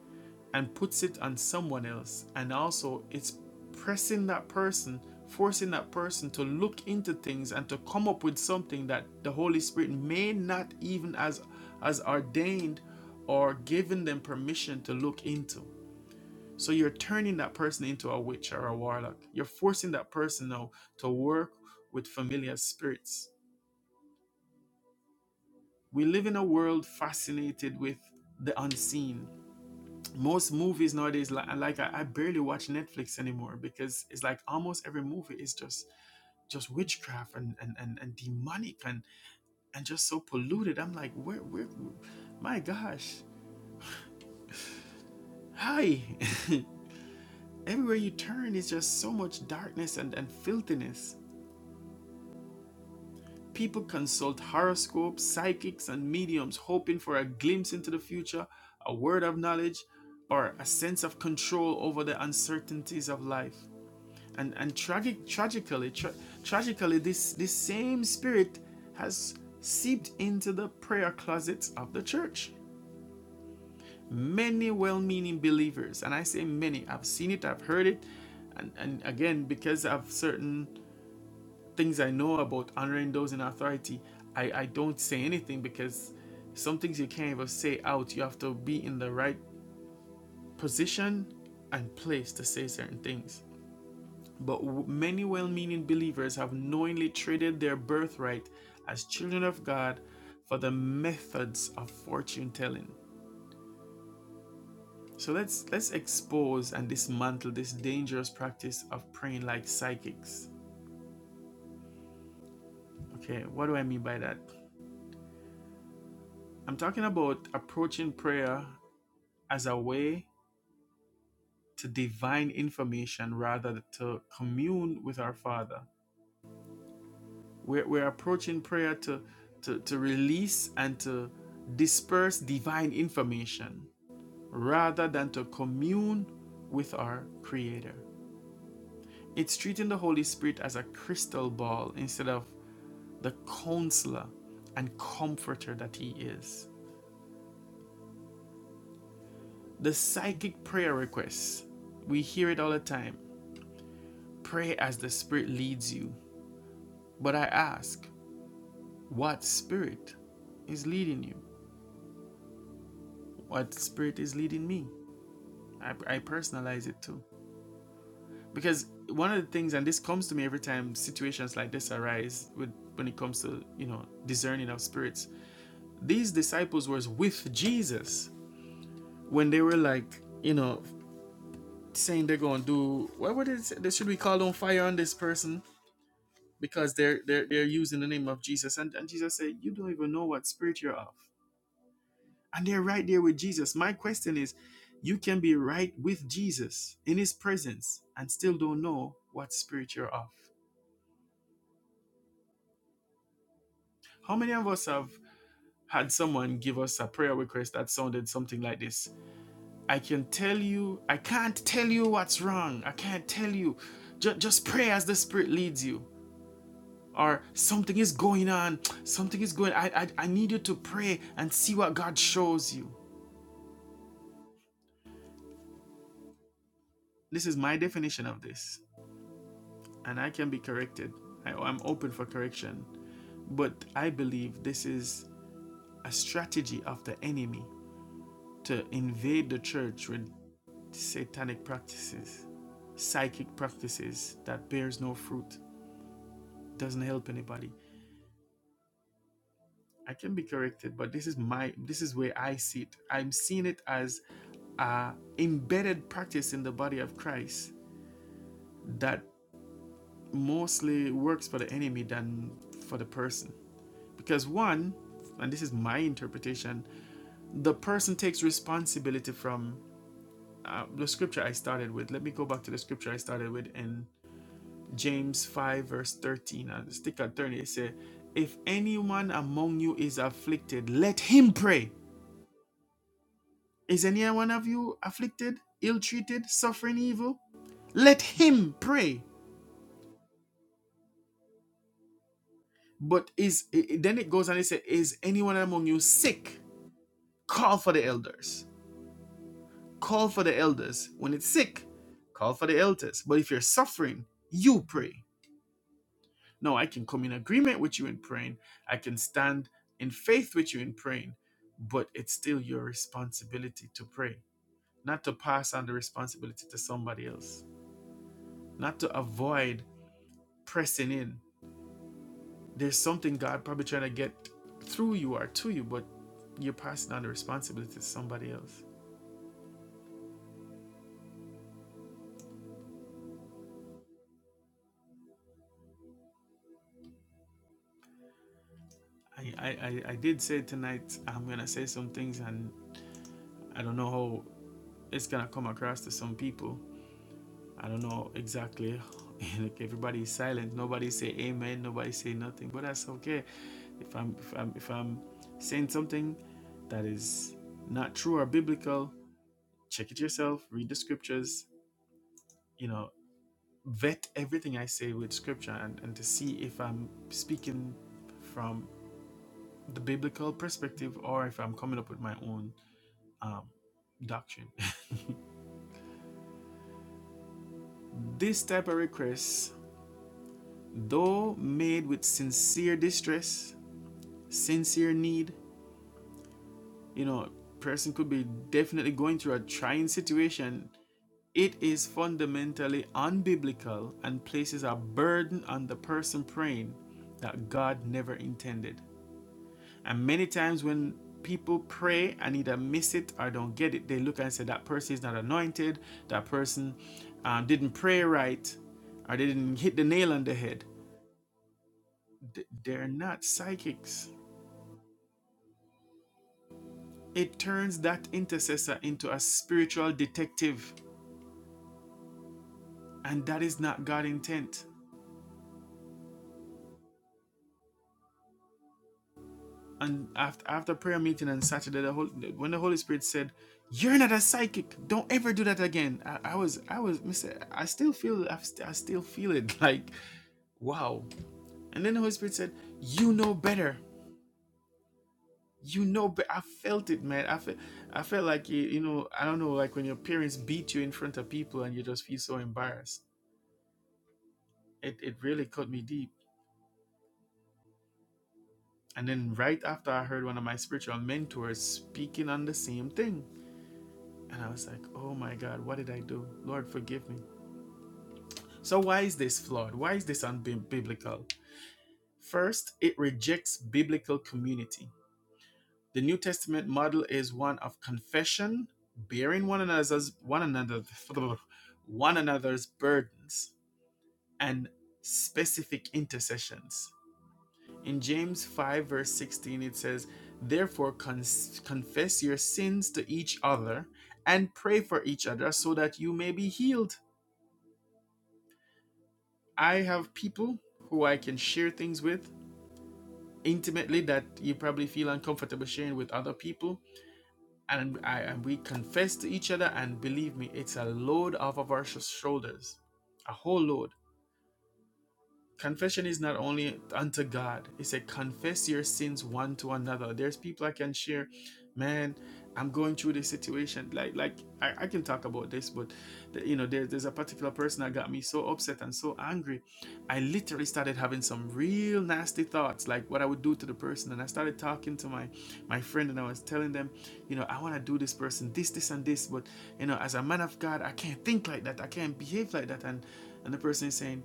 A: and puts it on someone else. And also, it's pressing that person, forcing that person to look into things and to come up with something that the Holy Spirit may not even as as ordained or given them permission to look into. So you're turning that person into a witch or a warlock. You're forcing that person now to work with familiar spirits. We live in a world fascinated with the unseen. Most movies nowadays, like, like I, I barely watch Netflix anymore because it's like almost every movie is just just witchcraft and and, and, and demonic and and just so polluted. I'm like, where where, my gosh, hi. Everywhere you turn is just so much darkness and, and filthiness. People consult horoscopes, psychics, and mediums hoping for a glimpse into the future, a word of knowledge, or a sense of control over the uncertainties of life. And, and tragic, tragically, tra- tragically, this, this same spirit has seeped into the prayer closets of the church. Many well meaning believers, and I say many, I've seen it, I've heard it, and, and again, because of certain things I know about honoring those in authority, I, I don't say anything because some things you can't even say out. You have to be in the right position and place to say certain things. But many well meaning believers have knowingly traded their birthright as children of God for the methods of fortune telling. So let's let's expose and dismantle this dangerous practice of praying like psychics. Okay, what do I mean by that? I'm talking about approaching prayer as a way to divine information rather than to commune with our Father. We're, we're approaching prayer to, to, to release and to disperse divine information rather than to commune with our Creator. It's treating the Holy Spirit as a crystal ball instead of the counselor and comforter that He is. The psychic prayer requests, we hear it all the time pray as the Spirit leads you. But I ask, what spirit is leading you, what spirit is leading me. I, I personalize it too. Because one of the things, and this comes to me every time situations like this arise with when it comes to you know discerning of spirits, these disciples were with Jesus when they were like, you know, saying they're gonna do what would it say? They should be called on fire on this person because they're they're they're using the name of Jesus. And and Jesus said, You don't even know what spirit you're of. and they're right there with Jesus. My question is you can be right with Jesus in his presence and still don't know what spirit you're of. How many of us have had someone give us a prayer request that sounded something like this? I can tell you, I can't tell you what's wrong. I can't tell you. Just, just pray as the spirit leads you. Or something is going on. Something is going. on. I, I I need you to pray and see what God shows you. This is my definition of this. and I can be corrected. I, I'm open for correction. But I believe this is a strategy of the enemy to invade the church with satanic practices, psychic practices that bears no fruit, doesn't help anybody. I can be corrected, but this is my this is where I see it. I'm seeing it as a embedded practice in the body of Christ that mostly works for the enemy than for the person. Because one, and this is my interpretation, the person takes responsibility from uh, the scripture I started with. Let me go back to the scripture I started with in James 5, verse 13. And stick at 30. It says, If anyone among you is afflicted, let him pray. Is any one of you afflicted, ill treated, suffering evil? Let him pray. But is i- then it goes on and it says, Is anyone among you sick? Call for the elders call for the elders. When it's sick, call for the elders. But if you're suffering, you pray. No, I can come in agreement with you in praying. I can stand in faith with you in praying, but it's still your responsibility to pray, not to pass on the responsibility to somebody else, not to avoid pressing in. There's something God probably trying to get through you or to you, but you're passing on the responsibility to somebody else. I, I, I I did say tonight I'm gonna say some things and I don't know how it's gonna come across to some people. I don't know exactly. like everybody is silent. Nobody say amen. Nobody say nothing. But that's okay. If I'm if I'm if I'm saying something that is not true or biblical, check it yourself. Read the scriptures. You know, vet everything I say with scripture and, and to see if I'm speaking from the biblical perspective or if I'm coming up with my own um, doctrine. this type of request Though made with sincere distress, sincere need, you know, person could be definitely going through a trying situation, it is fundamentally unbiblical and places a burden on the person praying that God never intended. And many times when people pray and either miss it or don't get it, they look and say, That person is not anointed, that person um, didn't pray right, or they didn't hit the nail on the head. They're not psychics. it turns that intercessor into a spiritual detective and that is not God's intent and after, after prayer meeting on saturday the whole, when the holy spirit said you're not a psychic don't ever do that again i, I was i was Mr. i still feel I, st- I still feel it like wow and then the holy spirit said you know better you know better." i felt it man i felt i felt like you, you know i don't know like when your parents beat you in front of people and you just feel so embarrassed it, it really cut me deep And then right after I heard one of my spiritual mentors speaking on the same thing. And I was like, oh my God, what did I do? Lord, forgive me. So, why is this flawed? Why is this unbiblical? First, it rejects biblical community. The New Testament model is one of confession, bearing one another's one another one another's burdens, and specific intercessions. In James 5, verse 16, it says, Therefore, con- confess your sins to each other and pray for each other so that you may be healed. I have people who I can share things with intimately that you probably feel uncomfortable sharing with other people. And, I, and we confess to each other, and believe me, it's a load off of our shoulders, a whole load. confession is not only unto God. It said, confess your sins one to another. There's people I can share, man. I'm going through this situation. Like, like I, I can talk about this, but the- you know, there, there's a particular person that got me so upset and so angry. I literally started having some real nasty thoughts, like what I would do to the person. And I started talking to my my friend, and I was telling them, you know, I want to do this person this, this, and this. But you know, as a man of God, I can't think like that. I can't behave like that. And and the person is saying,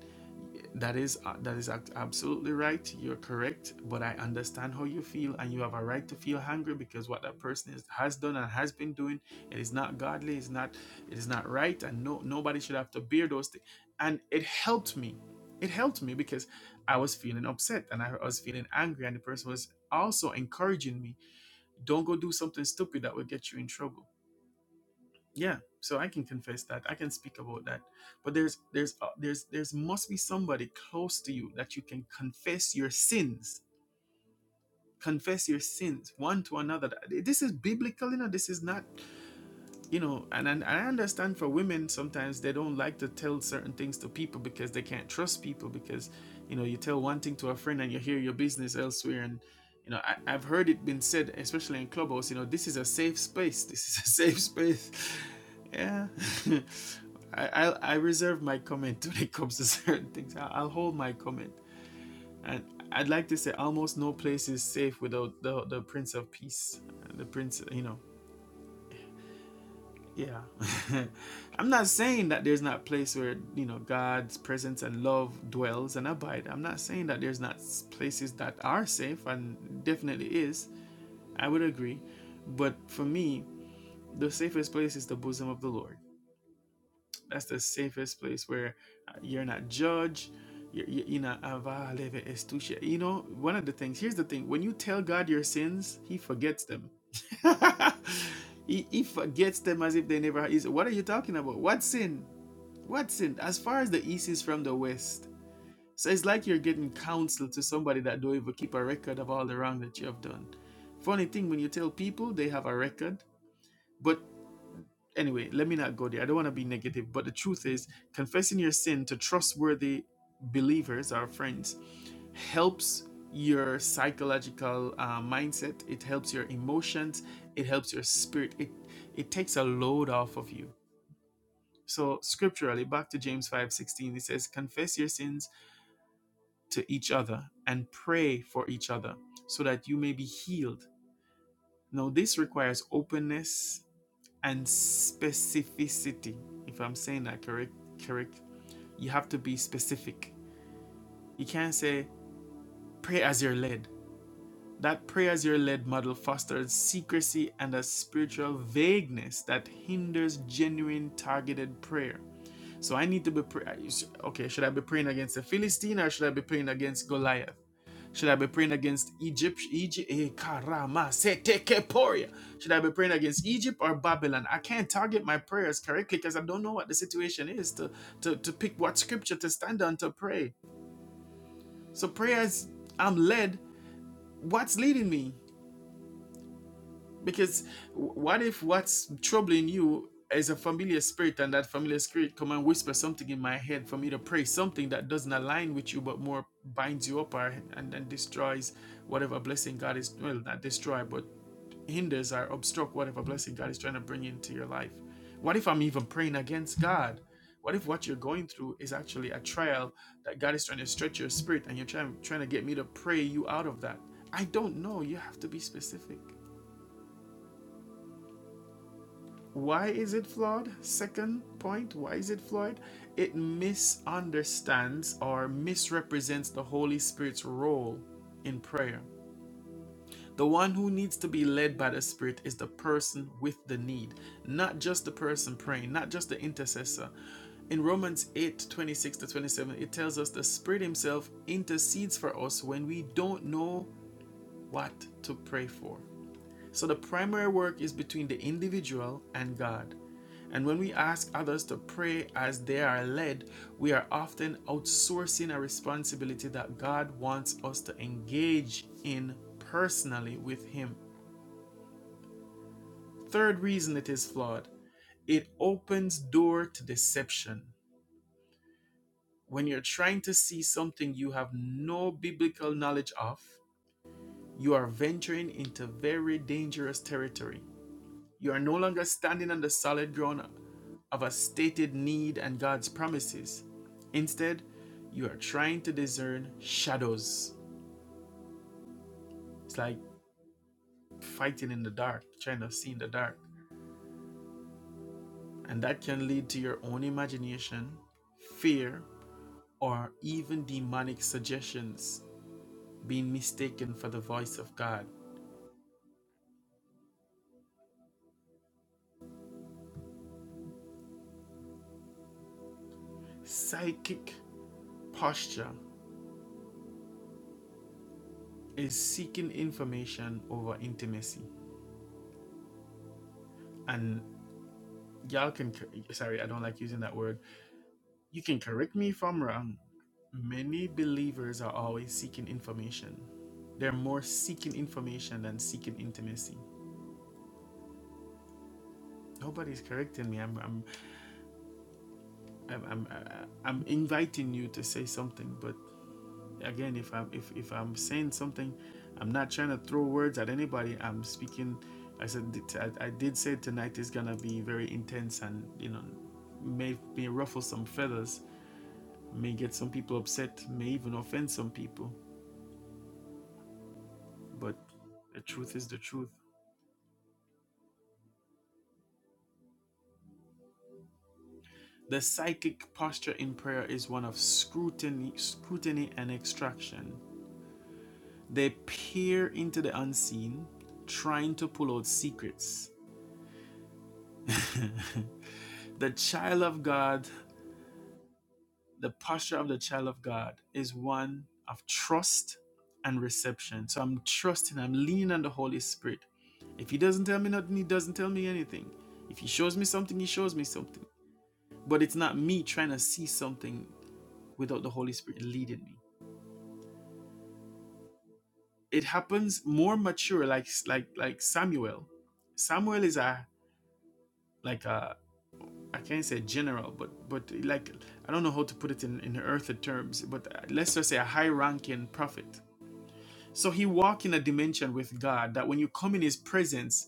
A: that is uh, that is ab- absolutely right. You're correct, but I understand how you feel, and you have a right to feel hungry because what that person is, has done and has been doing, it is not godly. It's not it is not right, and no nobody should have to bear those things. And it helped me. It helped me because I was feeling upset and I was feeling angry, and the person was also encouraging me, "Don't go do something stupid that will get you in trouble." yeah so i can confess that i can speak about that but there's there's uh, there's there's must be somebody close to you that you can confess your sins confess your sins one to another this is biblical you know this is not you know, and, and I understand for women sometimes they don't like to tell certain things to people because they can't trust people because, you know, you tell one thing to a friend and you hear your business elsewhere. And, you know, I, I've heard it been said, especially in clubhouse, you know, this is a safe space. This is a safe space. Yeah. I, I, I reserve my comment when it comes to certain things. I, I'll hold my comment. And I'd like to say almost no place is safe without the, the Prince of Peace, the Prince, you know yeah i'm not saying that there's not a place where you know god's presence and love dwells and abide i'm not saying that there's not places that are safe and definitely is i would agree but for me the safest place is the bosom of the lord that's the safest place where uh, you're not judged. You're, you're not You know, one of the things, here's the thing when you tell God your sins, He forgets them. he, he forgets them as if they never. Is What are you talking about? What sin? What sin? As far as the East is from the West. So it's like you're getting counsel to somebody that don't even keep a record of all the wrong that you have done. Funny thing, when you tell people, they have a record. But Anyway, let me not go there. I don't want to be negative, but the truth is, confessing your sin to trustworthy believers, our friends, helps your psychological uh, mindset. It helps your emotions. It helps your spirit. It it takes a load off of you. So scripturally, back to James five sixteen, it says, "Confess your sins to each other and pray for each other, so that you may be healed." Now, this requires openness and specificity, if I'm saying that correct, correct, you have to be specific. You can't say pray as you're led. That pray as you're led model fosters secrecy and a spiritual vagueness that hinders genuine targeted prayer. So I need to be pray- okay. Should I be praying against a Philistine or should I be praying against Goliath? Should I be praying against Egypt? Egypt, eh, karama, setekeporia. Should I be praying against Egypt or Babylon? I can't target my prayers correctly because I don't know what the situation is to, to, to pick what scripture to stand on to pray. So prayers, I'm led. What's leading me? Because what if what's troubling you is a familiar spirit and that familiar spirit come and whisper something in my head for me to pray, something that doesn't align with you but more binds you up or, and, and destroys whatever blessing God is, well, not destroy, but hinders or obstruct whatever blessing God is trying to bring into your life? What if I'm even praying against God? What if what you're going through is actually a trial that God is trying to stretch your spirit and you're trying, trying to get me to pray you out of that? I don't know. You have to be specific. Why is it flawed? Second point, why is it flawed? It misunderstands or misrepresents the Holy Spirit's role in prayer. The one who needs to be led by the Spirit is the person with the need, not just the person praying, not just the intercessor. In Romans 8 26 to 27, it tells us the Spirit Himself intercedes for us when we don't know what to pray for. So the primary work is between the individual and God. And when we ask others to pray as they are led, we are often outsourcing a responsibility that God wants us to engage in personally with Him. Third reason it is flawed it opens door to deception. When you're trying to see something you have no biblical knowledge of, you are venturing into very dangerous territory. You are no longer standing on the solid ground of a stated need and God's promises. Instead, you are trying to discern shadows. It's like fighting in the dark, trying to see in the dark. And that can lead to your own imagination, fear, or even demonic suggestions being mistaken for the voice of God. Psychic posture is seeking information over intimacy. And y'all can, sorry, I don't like using that word You can correct me if I'm wrong. Many believers are always seeking information. They're more seeking information than seeking intimacy. Nobody's correcting me. I'm I'm I'm I'm, I- am i am i am i am i am inviting you to say something, but again, if I'm if, if I'm saying something, I'm not trying to throw words at anybody. I'm speaking. I said I, I did say tonight is gonna be very intense and you know may may ruffle some feathers, may get some people upset, may even offend some people but the truth is the truth. The psychic posture in prayer is one of scrutiny, scrutiny and extraction. They peer into the unseen, trying to pull out secrets. the child of God, the posture of the child of God is one of trust and reception. So I'm trusting, I'm leaning on the Holy Spirit. If he doesn't tell me nothing, he doesn't tell me anything. If he shows me something, he shows me something. But it's not me trying to see something. without the Holy Spirit leading me. It happens more mature, like like like Samuel. Samuel is a like a I can't say general, but but like I don't know how to put it in in earthly terms, but uh, let's just say a high-ranking prophet. So he walks in a dimension with God that when you come in His presence,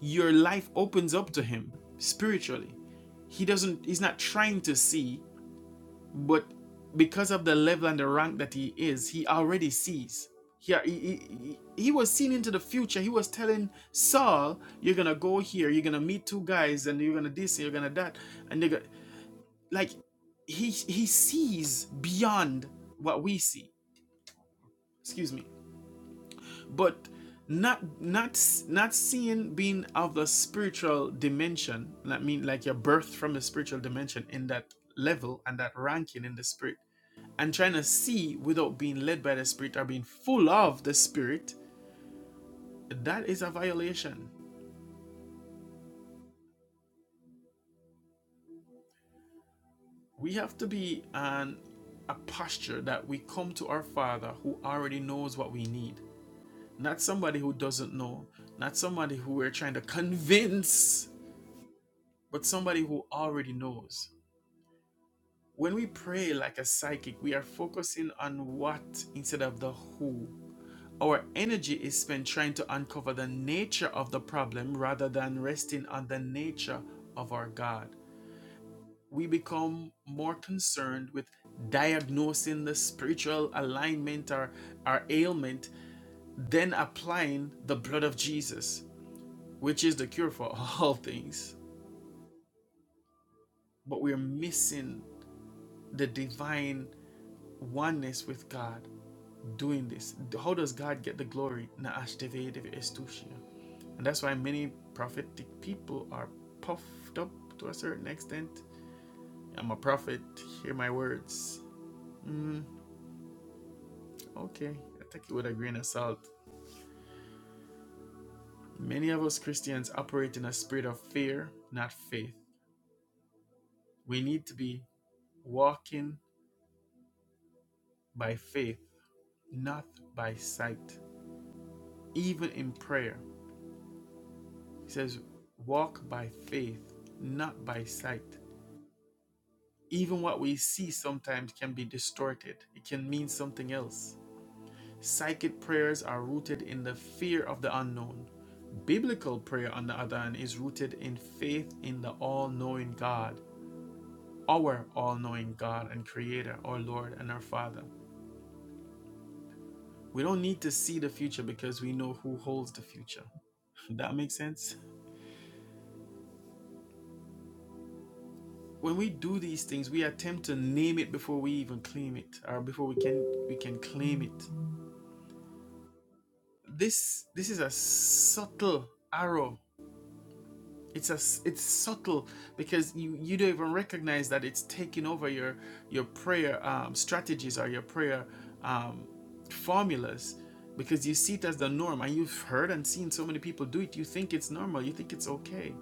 A: your life opens up to Him spiritually. He doesn't. He's not trying to see. But because of the level and the rank that he is, he already sees. He, he, he, was seeing into the future. He was telling Saul, You're going to go here. You're going to meet two guys, and you're going to this, and you're going to that. And they're gonna, like, he, he sees beyond what we see. Excuse me but not not not seeing being of the spiritual dimension i mean like your birth from a spiritual dimension in that level and that ranking in the spirit and trying to see without being led by the spirit or being full of the spirit that is a violation we have to be an a posture that we come to our father who already knows what we need not somebody who doesn't know not somebody who we're trying to convince but somebody who already knows When we pray like a psychic, we are focusing on what instead of the who. Our energy is spent trying to uncover the nature of the problem rather than resting on the nature of our God. We become more concerned with diagnosing the spiritual alignment or our ailment than applying the blood of Jesus, which is the cure for all things. But we're missing the divine oneness with God. doing this? How does God get the glory? Na ashteve deve estushia. And that's why many prophetic people are puffed up to a certain extent. I'm a prophet, hear my words. Okay, I take it with a grain of salt. Many of us Christians operate in a spirit of fear, not faith. We need to be walking by faith, not by sight. Even in prayer, he says, walk by faith, not by sight. Even what we see sometimes can be distorted, it can mean something else. Psychic prayers are rooted in the fear of the unknown. Biblical prayer, on the other hand, is rooted in faith in the all knowing God, our all knowing God and Creator, our Lord and our Father. We don't need to see the future because we know who holds the future. That makes sense? When we do these things, we attempt to name it before we even claim it, or before we can we can claim it. this this is a subtle arrow it's a it's subtle because you you don't even recognize that it's taking over your your prayer um, strategies or your prayer um, formulas because you see it as the norm and you've heard and seen so many people do it you think it's normal you think it's okay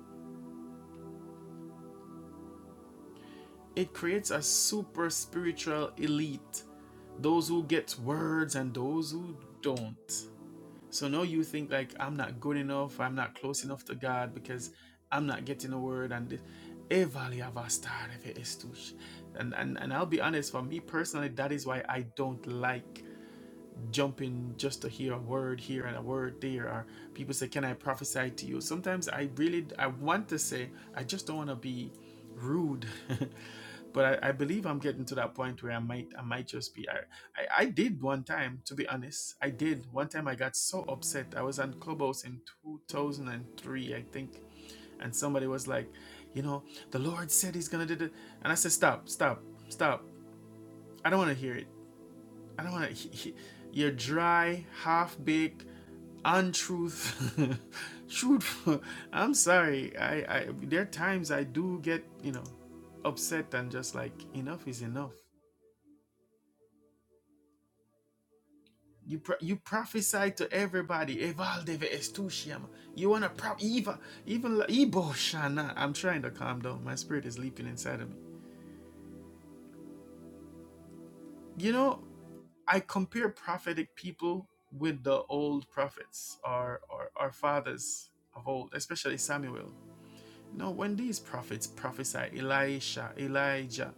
A: it creates a super spiritual elite those who get words and those who don't So now you think like I'm not good enough, I'm not close enough to God because I'm not getting a word and this. Eh, vale, eh, And, and and I'll be honest, for me personally, that is why I don't like jumping just to hear a word here and a word there or people say can i prophesy to you sometimes i really i want to say i just don't want to be rude but I, I believe i'm getting to that point where i might i might just be I, I i did one time to be honest i did one time i got so upset i was on clubhouse in 2003 i think and somebody was like you know the lord said he's gonna do it and i said stop stop stop i don't want to hear it I don't want to. You're dry, half baked, untruth, truthful. I'm sorry. I, I there are times I do get you know upset and just like enough is enough. You pro- you prophesy to everybody. Evaldeve estusiam. You wanna pro Eva even like, Ibo shana. I'm trying to calm down. My spirit is leaping inside of me. You know I compare prophetic people with the old prophets, our, our, our fathers of old, especially Samuel. You know, when these prophets prophesy, Elisha, Elijah,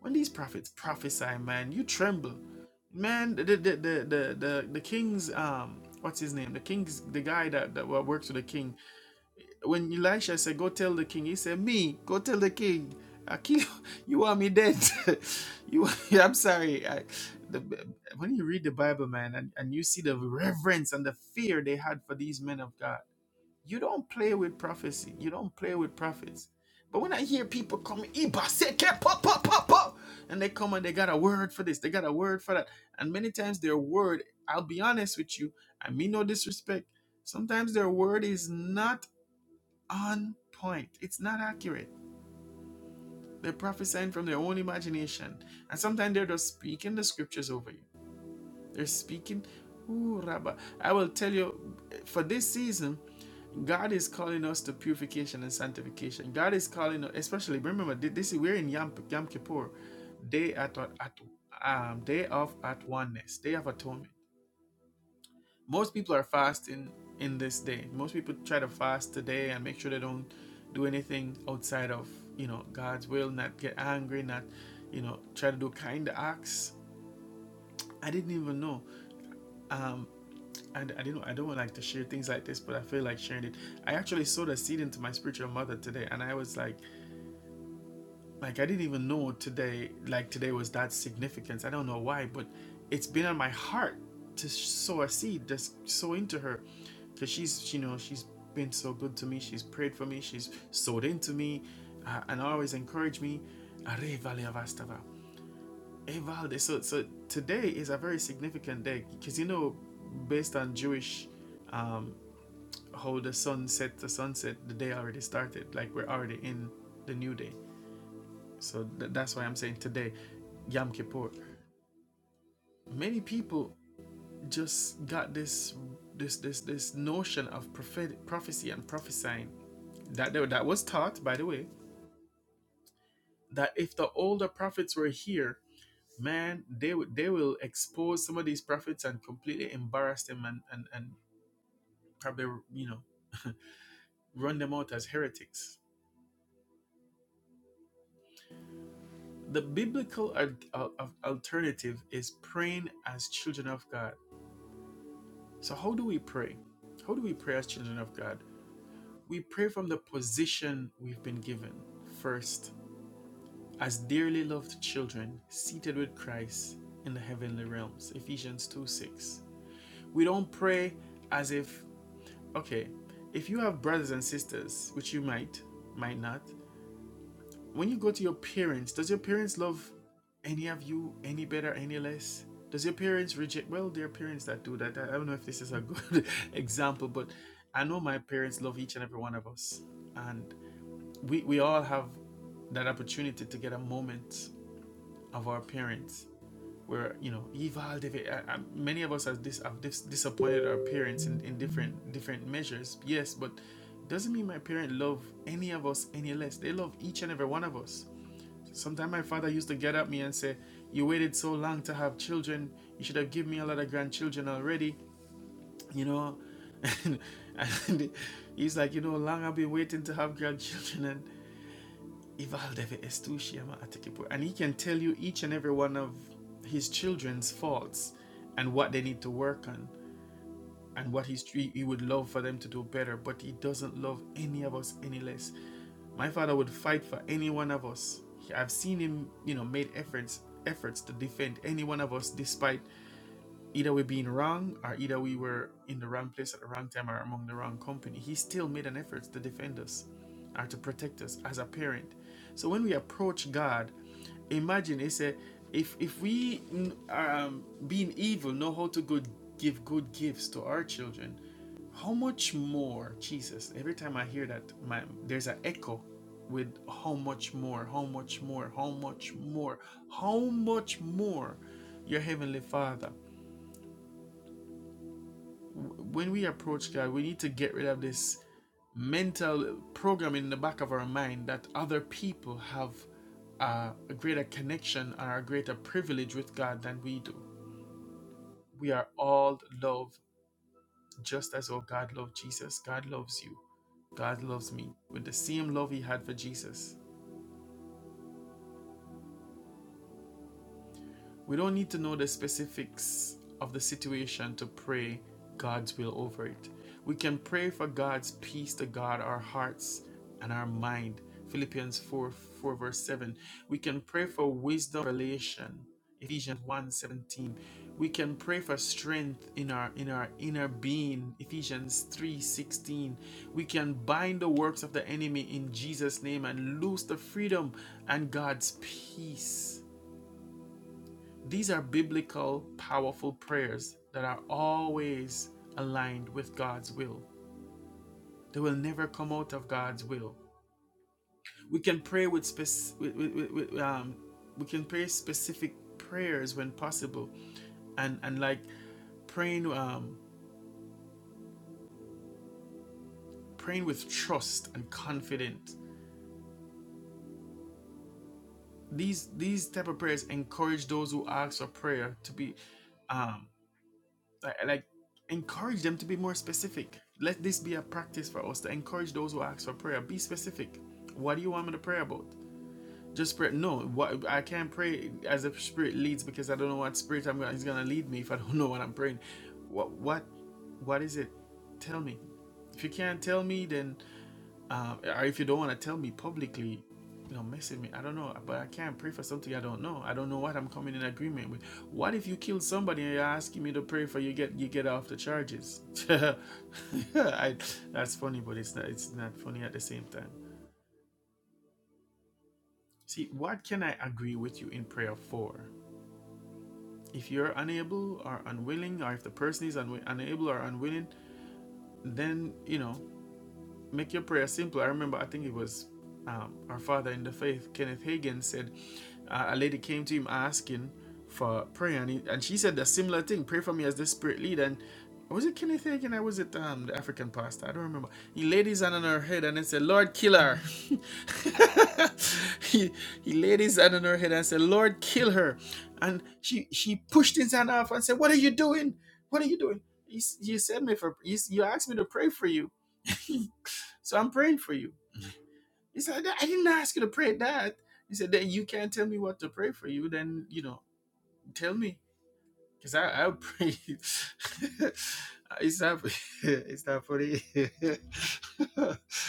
A: when these prophets prophesy, man, you tremble. Man, the the the the, the, the king's um what's his name? The king's the guy that, that works with the king when Elisha said, Go tell the king, he said, Me, go tell the king. I kill you You want me dead. you I'm sorry. I, the, when you read the Bible, man, and, and you see the reverence and the fear they had for these men of God, you don't play with prophecy. You don't play with prophets. But when I hear people come, "Iba seke po, po, po, po," and they come and they got a word for this, they got a word for that. And many times their word, I'll be honest with you, I mean no disrespect. Sometimes their word is not on point. It's not accurate. They're prophesying from their own imagination. And sometimes they're just speaking the scriptures over you. They're speaking. Ooh, Rabba. I will tell you, for this season, God is calling us to purification and sanctification. God is calling us, especially remember, this is we're in Yom, Yom Kippur, day at, at um, day of at oneness, day of atonement. most people are fasting in this day. Most people try to fast today and make sure they don't do anything outside of you know God's will, not get angry, not you know try to do kind acts. I didn't even know. Um, and I didn't. I don't like to share things like this, but I feel like sharing it. I actually sowed a seed into my spiritual mother today, and I was like, Like I didn't even know today, like today was that significance. I don't know why, but it's been on my heart to sow a seed, just sow into her, because she's, you know, she's been so good to me. She's prayed for me. She's sowed into me, uh, and always encouraged me. Arre, vale, avastava. Eh, vale. So, so today is a very significant day because you know, based on Jewish, um, how the sun set the sunset, the day already started. Like we're already in the new day. So th- that's why I'm saying today, Yom Kippur. Many people just got this this this this notion of prophet- prophecy and prophesying that they, that was taught, by the way, that if the older prophets were here, man, they would they will expose some of these prophets and completely embarrass them and and and probably you know run them out as heretics. The biblical al- al- alternative is praying as children of God So, how do we pray? How do we pray as children of God? We pray from the position we've been given. First, as dearly loved children, seated with Christ in the heavenly realms. Ephesians 2 6. We don't pray as if, okay, if you have brothers and sisters, which you might, might not, when you go to your parents, does your parents love any of you any better, any less? Does your parents reject? Well, there are parents that do that. I I don't know if this is a good example, but I know my parents love each and every one of us. And we, we all have that opportunity to get a moment of our parents where, you know, Eval, David, I, I, many of us have, dis, have dis, disappointed our parents in, in different different measures. Yes, but doesn't mean my parent love any of us any less. They love each and every one of us. Sometimes my father used to get at me and say, You waited so long to have children. You should have given me a lot of grandchildren already, you know. And, and he's like, You know, long I've been waiting to have grandchildren. And and he can tell you each and every one of his children's faults and what they need to work on and what he's, he, he would love for them to do better, but he doesn't love any of us any less. My father would fight for any one of us. I've seen him, you know, made efforts efforts to defend any one of us despite either we being wrong or either we were in the wrong place at the wrong time or among the wrong company he still made an effort to defend us or to protect us as a parent so when we approach god imagine he said if if we mm, um, being evil know how to good give good gifts to our children how much more jesus every time i hear that my there's an echo with how much more how much more how much more how much more your heavenly father when we approach God, we need to get rid of this mental program in the back of our mind that other people have uh, a greater connection or a greater privilege with God than we do. We are all loved just as oh God loved Jesus. God loves you. God loves me with the same love He had for Jesus. We don't need to know the specifics of the situation to pray God's will over it. We can pray for God's peace to guard our hearts and our mind. Philippians 4, 4 verse 7. We can pray for wisdom revelation. Ephesians one 17. We can pray for strength in our in our inner being. Ephesians 3 16. We can bind the works of the enemy in Jesus' name and lose the freedom and God's peace. These are biblical, powerful prayers that are always aligned with God's will. They will never come out of God's will. We can pray with, spec- with, with, with- um, we can pray specific prayers when possible, and and like praying um, praying with trust and confidence. These these type of prayers encourage those who ask for prayer to be um. Like, like, encourage them to be more specific. Let this be a practice for us to encourage those who ask for prayer. Be specific. What do you want me to pray about? Just pray. No, what I can't pray as the spirit leads because I don't know what spirit I'm gonna, is gonna lead me if I don't know what I'm praying. What what what is it? Tell me. If you can't tell me, then um, or if you don't want to tell me publicly, you know, message me. I don't know, but I can't pray for something I don't know. I don't know what I'm coming in agreement with. What if you kill somebody and you're asking me to pray for you get you get off the charges? I, that's funny, but it's not it's not funny at the same time. See, what can I agree with you in prayer for? If you're unable or unwilling, or if the person is unwi- unable or unwilling, then you know make your prayer simple. I remember, I think it was um, our father in the faith, Kenneth Hagin, said uh, a lady came to him asking for prayer, and, he, and she said the similar thing pray for me as the spirit lead. And was it Kenneth Hagin or was it um, the African pastor? I don't remember. He laid his hand on her head and then said, Lord, kill her. he, he laid his hand on her head and said, Lord, kill her. And she, she pushed his hand off and said, What are you doing? What are you doing? You, s- you said me for you, you asked me to pray for you So I'm praying for you. He said, I didn't ask you to pray that. He said, then you can't tell me what to pray for you. Then, you know, tell me. Because I, I'll pray. it's not, it's not funny.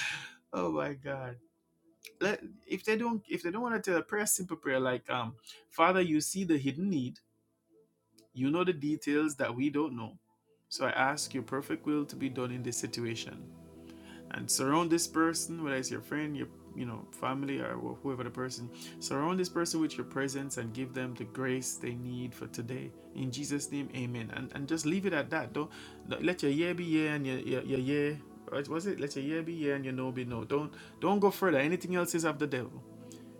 A: oh my God. Let, if they don't, if they don't want to tell a prayer, simple prayer like, um, Father, you see the hidden need. You know the details that we don't know. So I ask your perfect will to be done in this situation. and surround this person whether it's your friend your you know family or whoever the person surround this person with your presence and give them the grace they need for today in jesus name amen and and just leave it at that don't let your year be year and your your, your year was it let your year be year and your no be no don't don't go further anything else is of the devil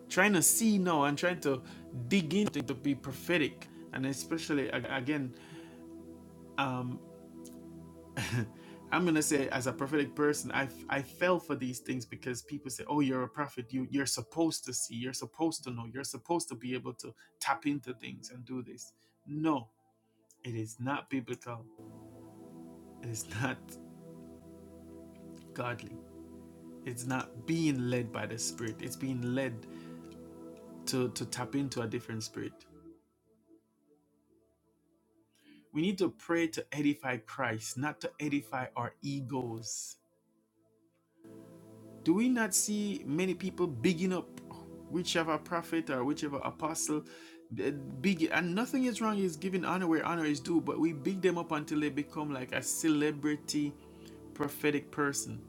A: trying to see now and trying to dig into to be prophetic and especially ag- again um I'm gonna say as a prophetic person, I I fell for these things because people say, "Oh, you're a prophet. You you're supposed to see. You're supposed to know. You're supposed to be able to tap into things and do this." No, it is not biblical. It is not godly. It's not being led by the Spirit. It's being led to to tap into a different spirit. We need to pray to edify Christ, not to edify our egos. Do we not see many people bigging up whichever prophet or whichever apostle? eh, Big and nothing is wrong is giving honor where honor is due, but we big them up until they become like a celebrity prophetic person.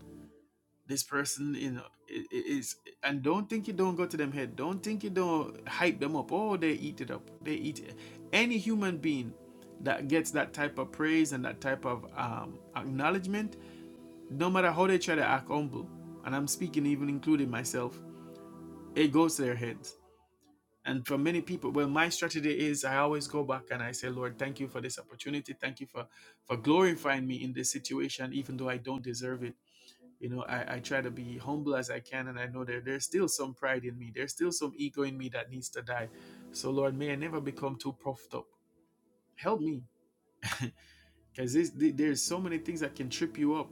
A: This person, you know, i- i- is and don't think you don't go to them head. Don't think you don't hype them up. Oh, they eat it up. They eat it. Any human being that gets that type of praise and that type of um, acknowledgement no matter how they try to act humble, and I'm speaking even including myself, it goes to their heads. And for many people, well, my strategy is I always go back and I say, Lord, thank you for this opportunity. Thank you for for glorifying me in this situation, even though I don't deserve it. You know, I, I try to be humble as I can, and I know that there's still some pride in me. There's still some ego in me that needs to die. So, Lord, may I never become too puffed up. Help me, because there's so many things that can trip you up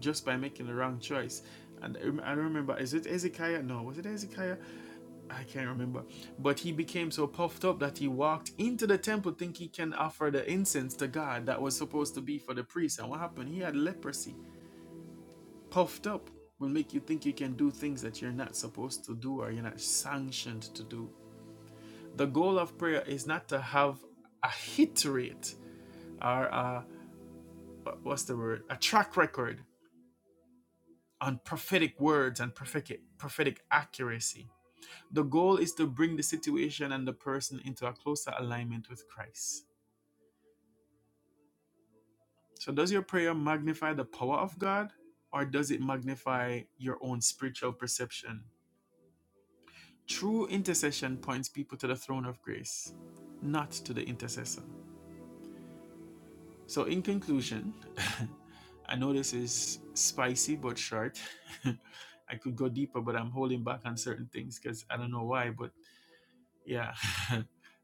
A: just by making the wrong choice. And I don't remember, is it Ezekiah? No, was it Ezekiah? I can't remember. But he became so puffed up that he walked into the temple thinking he can offer the incense to God that was supposed to be for the priest. And what happened? He had leprosy. Puffed up will make you think you can do things that you're not supposed to do or you're not sanctioned to do. The goal of prayer is not to have a hit rate or a, what's the word? A track record on prophetic words and prophetic, prophetic accuracy. The goal is to bring the situation and the person into a closer alignment with Christ. So, does your prayer magnify the power of God or does it magnify your own spiritual perception? True intercession points people to the throne of grace, not to the intercessor. So, in conclusion, I know this is spicy but short. I could go deeper, but I'm holding back on certain things because I don't know why, but yeah,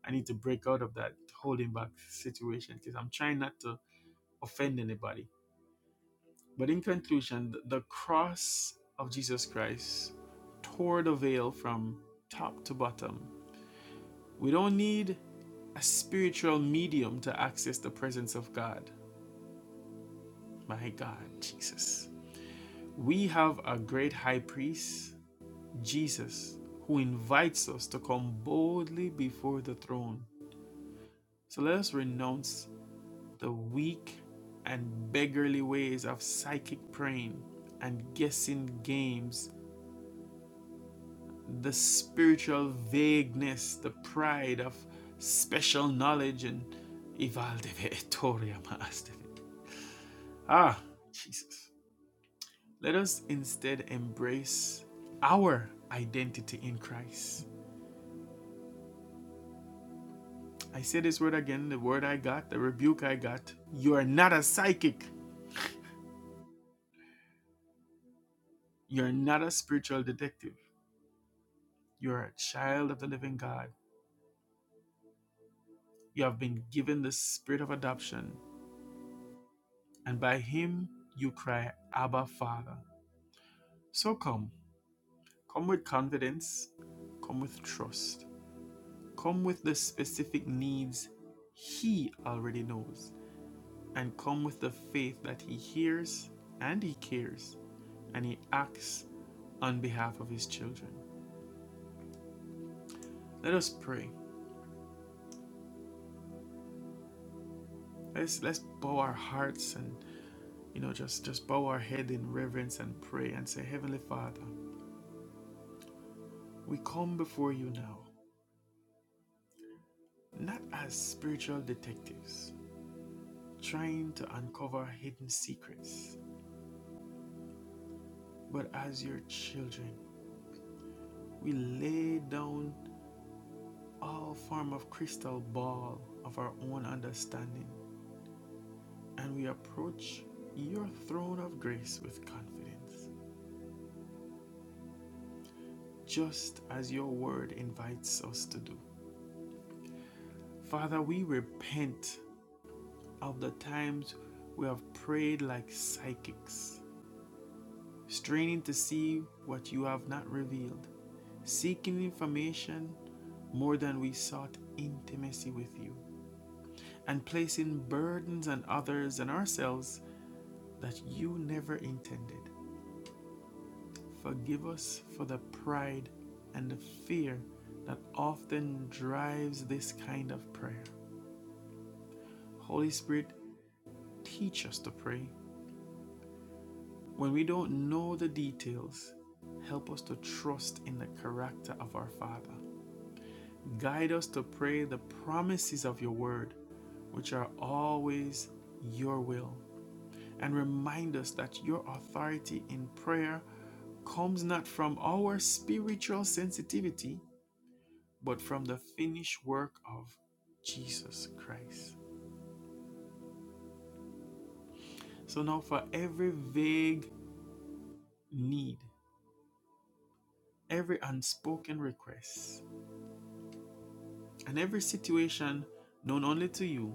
A: I need to break out of that holding back situation because I'm trying not to offend anybody. But in conclusion, the cross of Jesus Christ tore the veil from top to bottom. We don't need a spiritual medium to access the presence of God. My God, Jesus. We have a great high priest, Jesus, who invites us to come boldly before the throne. So let us renounce the weak and beggarly ways of psychic praying and guessing games, the spiritual vagueness, the pride of special knowledge, and Ivaldeve Etoria Maasteve. Ah, Jesus. Let us instead embrace our identity in Christ. I say this word again, the word I got, the rebuke I got. You are not a psychic. You're not a spiritual detective. You're a child of the living God You have been given the spirit of adoption, and by him you cry, Abba, Father. So come, come with confidence, come with trust, come with the specific needs he already knows, and come with the faith that he hears and he cares and he acts on behalf of his children. Let us pray. Let's let's bow our hearts and you know just just bow our head in reverence and pray and say, Heavenly Father, we come before you now. not as spiritual detectives trying to uncover hidden secrets, but as your children. We lay down all form of crystal ball of our own understanding and we approach your throne of grace with confidence, just as your word invites us to do. Father, we repent of the times we have prayed like psychics straining to see what you have not revealed, seeking information more than we sought intimacy with you, and placing burdens on others and ourselves that you never intended. Forgive us for the pride and the fear that often drives this kind of prayer. Holy Spirit, teach us to pray. When we don't know the details, help us to trust in the character of our Father. Guide us to pray the promises of your word, which are always your will. And remind us that your authority in prayer comes not from our spiritual sensitivity, but from the finished work of Jesus Christ. So now, for every vague need, every unspoken request, and every situation known only to you,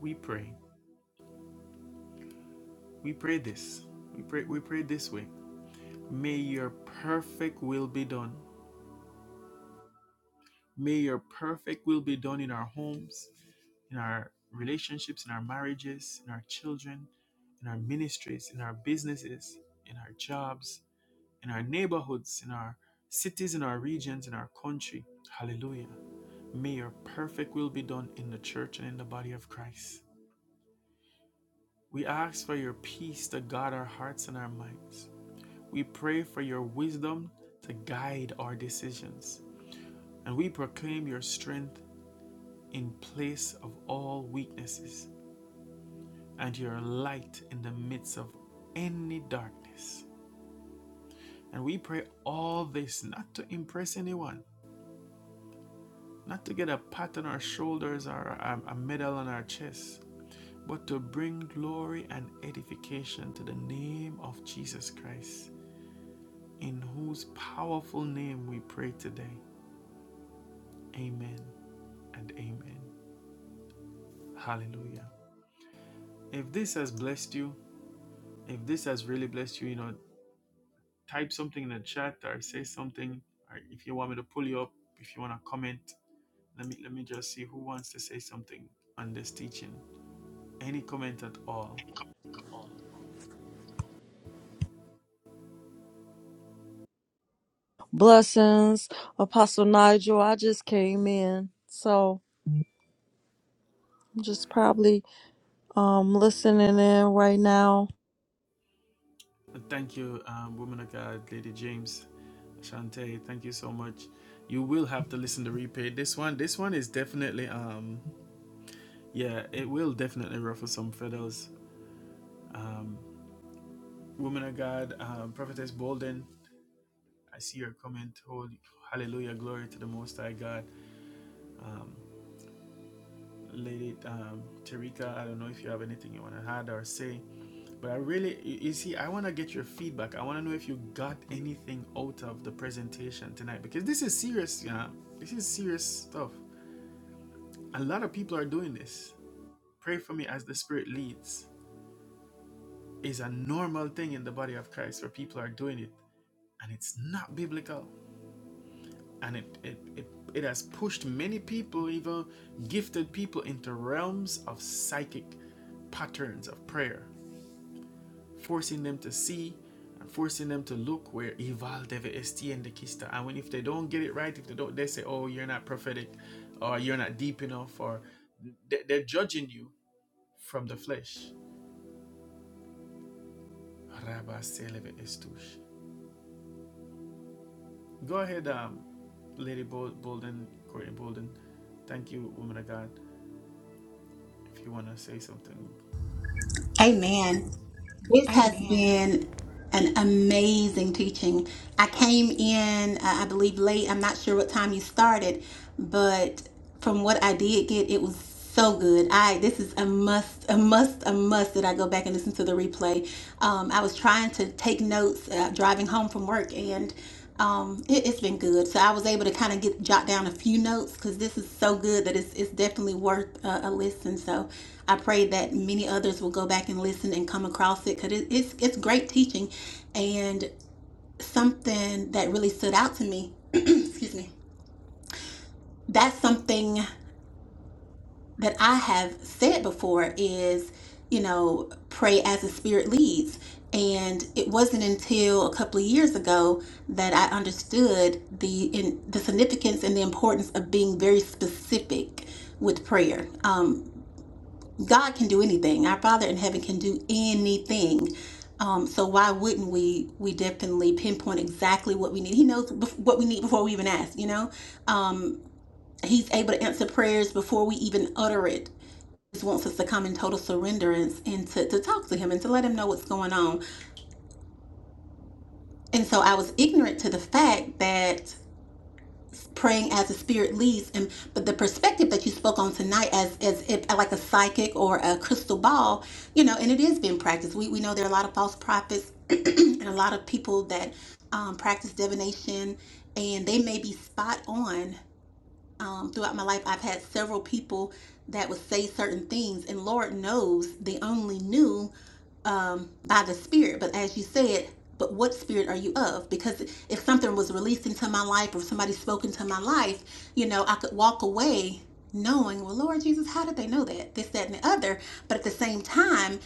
A: we pray. We pray this. We pray, we pray this way. May your perfect will be done. May your perfect will be done in our homes, in our relationships, in our marriages, in our children, in our ministries, in our businesses, in our jobs, in our neighborhoods, in our cities, in our regions, in our country. Hallelujah. May your perfect will be done in the church and in the body of Christ. We ask for your peace to guard our hearts and our minds. We pray for your wisdom to guide our decisions. and we proclaim your strength in place of all weaknesses and your light in the midst of any darkness. And we pray all this not to impress anyone, not to get a pat on our shoulders or a, medal on our chest, but to bring glory and edification to the name of Jesus Christ, in whose powerful name we pray today. Amen and amen. Hallelujah. If this has blessed you, If this has really blessed you, you know, type something in the chat or say something. Or if you want me to pull you up, if you want to comment, let me let me just see who wants to say something on this teaching. Any comment at all?
B: Blessings, Apostle Nigel. I just came in, so I'm just probably um listening in right now.
A: And Thank you, um, woman of God, Lady James, Shante. Thank you so much. You will have to listen to replay this one. This one is definitely um, yeah, it will definitely ruffle some feathers. Woman of God, um, Prophetess Bolden, I see your comment. Holy, hallelujah, glory to the Most High God. Lady um, Tarika, I don't know if you have anything you want to add or say, but I really, you see, I want to get your feedback. I want to know if you got anything out of the presentation tonight because this is serious, you know, this is serious stuff. A lot of people are doing this. Pray for me as the Spirit leads is a normal thing in the body of Christ where people are doing it and it's not biblical. And it, it, it, it has pushed many people, even gifted people, into realms of psychic patterns of prayer forcing them to see and forcing them to look where Ival deve estiende kista. And when if they don't get it right, if they don't, they say, "Oh, you're not prophetic," or "You're not deep enough," or they- they're judging you from the flesh. Go ahead, um, Lady Bolden, Courtney Bolden. Thank you, woman of God. If you wanna say something,
C: Amen. This has
A: Amen.
C: been an amazing teaching. I came in, uh, I believe, late. I'm not sure what time you started, but from what I did get, it was so good. I this is a must, a must, a must that I go back and listen to the replay. Um, I was trying to take notes uh, driving home from work, and um, it, it's been good. So I was able to kind of get jot down a few notes because this is so good that it's it's definitely worth uh, a listen. So. I pray that many others will go back and listen and come across it because it, it's it's great teaching, and something that really stood out to me. excuse me. That's something that I have said before is, you know, pray as the Spirit leads. And it wasn't until a couple of years ago that I understood the in, the significance and the importance of being very specific with prayer. Um, God can do anything. Our Father in heaven can do anything. Um, so why wouldn't we? We definitely pinpoint exactly what we need. He knows what we need before we even ask. You know, um, he's able to answer prayers before we even utter it. He just wants us to come in total surrenderance and to, to talk to him and to let him know what's going on. And so I was ignorant to the fact that praying as the spirit leads and but the perspective that you spoke on tonight as as if like a psychic or a crystal ball you know and it is being practiced we, we know there are a lot of false prophets and a lot of people that um, practice divination and they may be spot on um, throughout my life, I've had several people that would say certain things, and Lord knows they only knew um, by the Spirit. But as you said, but what spirit are you of? Because if something was released into my life or somebody spoke into my life, you know, I could walk away knowing, well, Lord Jesus, how did they know that? This, that, and the other. But at the same time,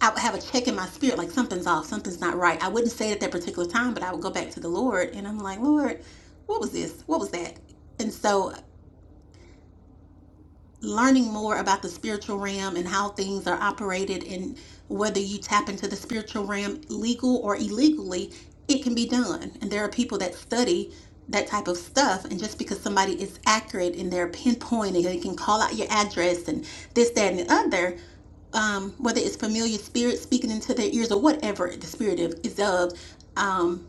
C: I would have a check in my spirit, like something's off, something's not right. I wouldn't say it at that particular time, but I would go back to the Lord and I'm like, Lord, what was this? What was that? And so learning more about the spiritual realm and how things are operated and whether you tap into the spiritual realm legal or illegally it can be done and there are people that study that type of stuff and just because somebody is accurate in their pinpointing they can call out your address and this that and the other um, whether it's familiar spirits speaking into their ears or whatever the spirit of, is of um,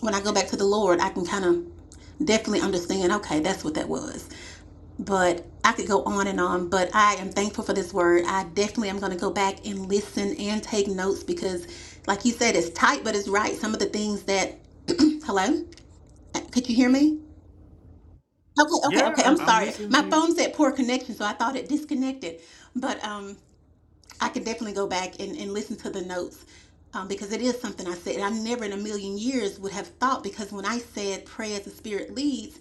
C: when i go back to the lord i can kind of definitely understand okay that's what that was but I could go on and on. But I am thankful for this word. I definitely am going to go back and listen and take notes because, like you said, it's tight, but it's right. Some of the things that, hello, Uh, could you hear me? Okay, okay,
A: yeah,
C: okay. I'm
A: I'm I'm
C: sorry.
A: listening
C: My
A: to you.
C: phone said poor connection, so I thought it disconnected. But um, I could definitely go back and, and listen to the notes um, because it is something I said. I never in a million years would have thought because when I said pray as the Spirit leads,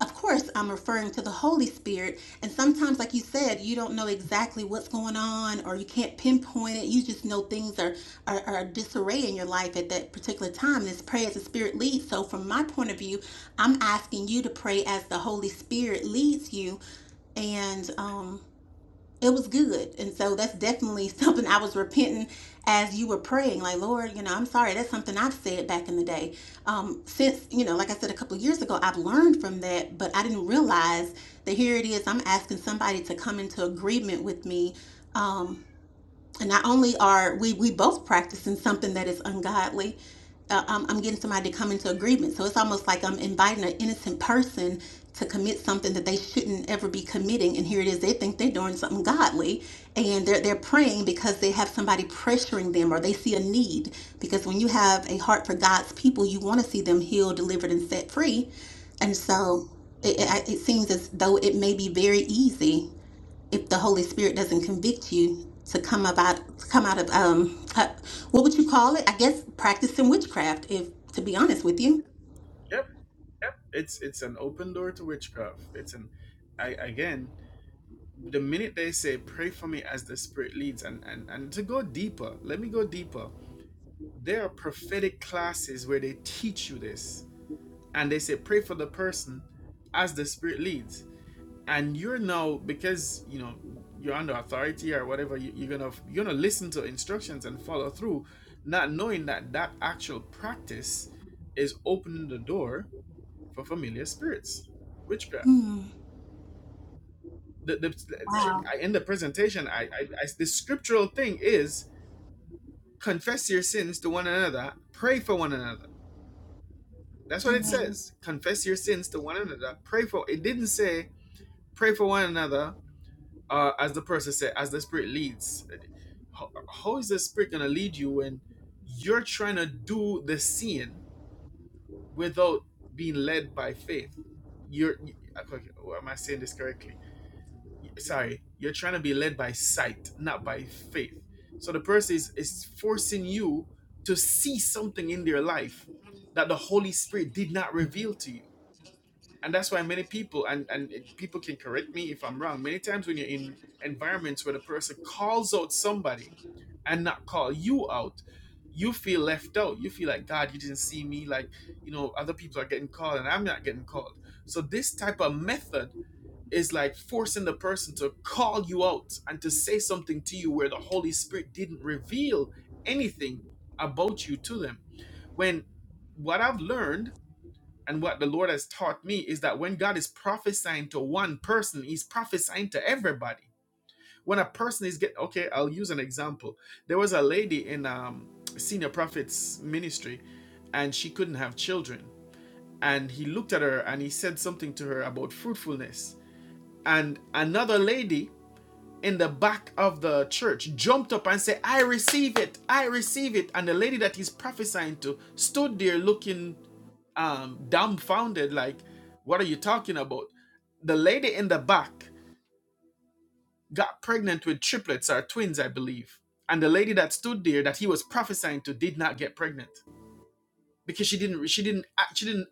C: of course, I'm referring to the Holy Spirit. And sometimes, like you said, you don't know exactly what's going on or you can't pinpoint it. You just know things are, are, are disarray in your life at that particular time. This pray as the Spirit leads. So, from my point of view, I'm asking you to pray as the Holy Spirit leads you. And, um, it was good. And so that's definitely something I was repenting as you were praying. Like, Lord, you know, I'm sorry. That's something I've said back in the day. Um, since, you know, like I said a couple of years ago, I've learned from that, but I didn't realize that here it is. I'm asking somebody to come into agreement with me um, and not only are we we both practicing something that is ungodly uh, I'm, I'm getting somebody to come into agreement so it's almost like i'm inviting an innocent person to commit something that they shouldn't ever be committing and here it is they think they're doing something godly and they're, they're praying because they have somebody pressuring them or they see a need because when you have a heart for god's people you want to see them healed delivered and set free and so it,
A: hmm
C: it, it seems as though it may be very easy if the Holy Spirit doesn't convict you to come about to come out of um uh, what would you call it? I guess practicing witchcraft. If to be honest with you,
A: Yep, yep. It's it's an open door to witchcraft. It's an, I again. the minute they say pray for me as the spirit leads and and and to go deeper let me go deeper there are prophetic classes where they teach you this and they say pray for the person as the spirit leads and you're now because you know you're under authority or whatever you, you're gonna you're gonna listen to instructions and follow through not knowing that that actual practice is opening the door for familiar spirits witchcraft
C: Hmm.
A: the, the
C: wow,
A: I, in the presentation, I, I, I the scriptural thing is confess your sins to one another, pray for one another. That's what it
C: amen.
A: says. Confess your sins to one another, pray for. It didn't say pray for one another, uh, as the person said, as the spirit leads. How, how is the spirit gonna lead you when you're trying to do the sin without being led by faith? You're. Okay, am I saying this correctly? sorry, you're trying to be led by sight, not by faith. So the person is, is forcing you to see something in their life that the Holy Spirit did not reveal to you. And that's why many people, and, and people can correct me if I'm wrong, many times when you're in environments where the person calls out somebody and not call you out, you feel left out. You feel like, God, you didn't see me. Like, you know, other people are getting called and I'm not getting called. So this type of method is like forcing the person to call you out and to say something to you where the Holy Spirit didn't reveal anything about you to them. When what I've learned and what the Lord has taught me is that when God is prophesying to one person, He's prophesying to everybody. When a person is getting, okay, I'll use an example. There was a lady in um, senior prophet's ministry and she couldn't have children. And he looked at her and he said something to her about fruitfulness and another lady in the back of the church jumped up and said, I receive it, I receive it. And the lady that he's prophesying to stood there looking um, dumbfounded, like, What are you talking about? The lady in the back got pregnant with triplets or twins, I believe. And the lady that stood there that he was prophesying to did not get pregnant. because she didn't she didn't act- she didn't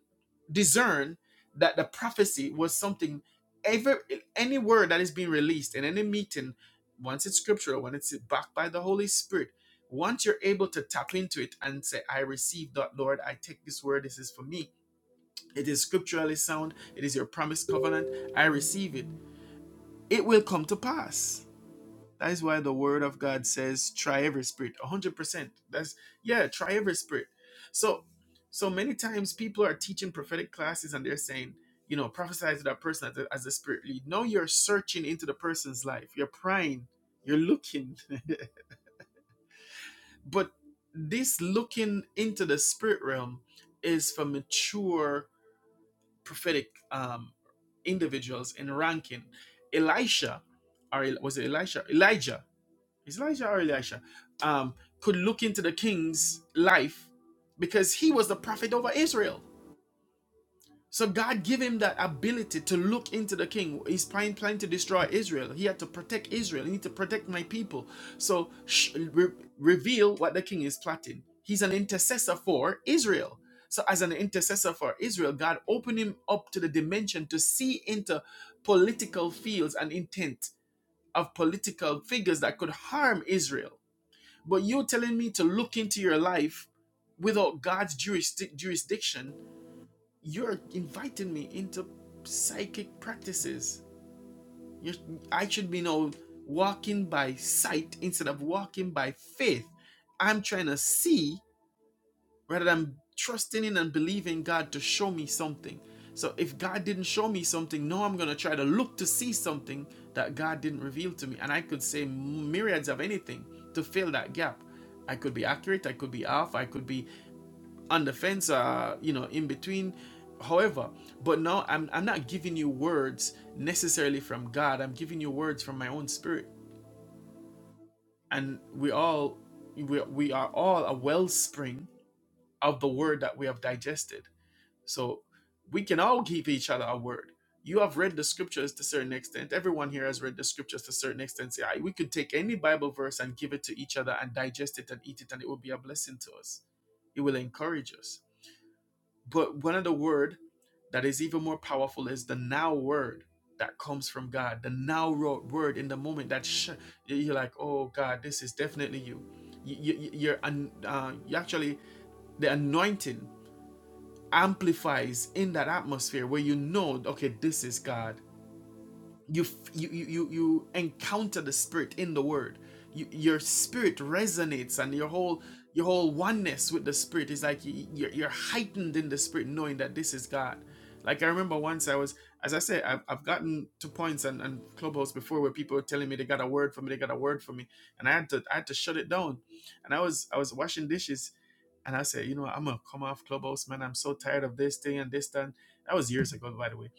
A: discern that the prophecy was something every any word that is being released in any meeting once it's scriptural when it's backed by the holy spirit once you're able to tap into it and say i receive that lord i take this word this is for me it is scripturally sound it is your promised covenant i receive it it will come to pass that is why the word of God says, try every spirit. 100%. That's, yeah, try every spirit. So, so many times people are teaching prophetic classes and they're saying, you know, prophesy to that person as the, as the spirit lead. No, you're searching into the person's life. You're prying. You're looking. but this looking into the spirit realm is for mature prophetic um, individuals in ranking. Elisha, or was it Elisha? Elijah is Elijah or Elisha, um, could look into the king's life because he was the prophet over Israel. So God gave him that ability to look into the king. He's planning, to destroy Israel. He had to protect Israel. He need to protect my people. So sh- re- reveal what the king is plotting. He's an intercessor for Israel. So as an intercessor for Israel, God opened him up to the dimension to see into political fields and intent of political figures that could harm Israel but you're telling me to look into your life without God's jurisdic- jurisdiction. You're inviting me into psychic practices. You're, I should be now walking by sight instead of walking by faith. I'm trying to see rather than trusting in and believing God to show me something. So if God didn't show me something, now I'm going to try to look to see something that God didn't reveal to me. And I could say myriads of anything to fill that gap. I could be accurate, I could be off, I could be on the fence, uh, you know, in between. However, but now I'm, I'm not giving you words necessarily from God. I'm giving you words from my own spirit. And we all, we, we are all a wellspring of the word that we have digested so we can all give each other a word. You have read the scriptures to a certain extent. Everyone here has read the scriptures to a certain extent. Say, "Ah, we could take any Bible verse and give it to each other and digest it and eat it, and it will be a blessing to us. It will encourage us. But one of the word that is even more powerful is the now word that comes from God. The now word in the moment that sh- you're like, oh God, this is definitely you. You, you, you're uh, you actually the anointing amplifies in that atmosphere where you know, okay, this is God. You you you you, you encounter the Spirit in the Word. You, your spirit resonates, and your whole your whole oneness with the Spirit is like you, you're, you're heightened in the Spirit, knowing that this is God. Like I remember once I was, as I said, I've, I've gotten to points and, and clubhouse before where people were telling me they got a word for me, they got a word for me, and I had to I had to shut it down. And I was I was washing dishes and I said, you know, I'm gonna come off Clubhouse, man. I'm so tired of this thing and this that. That was years ago, by the way.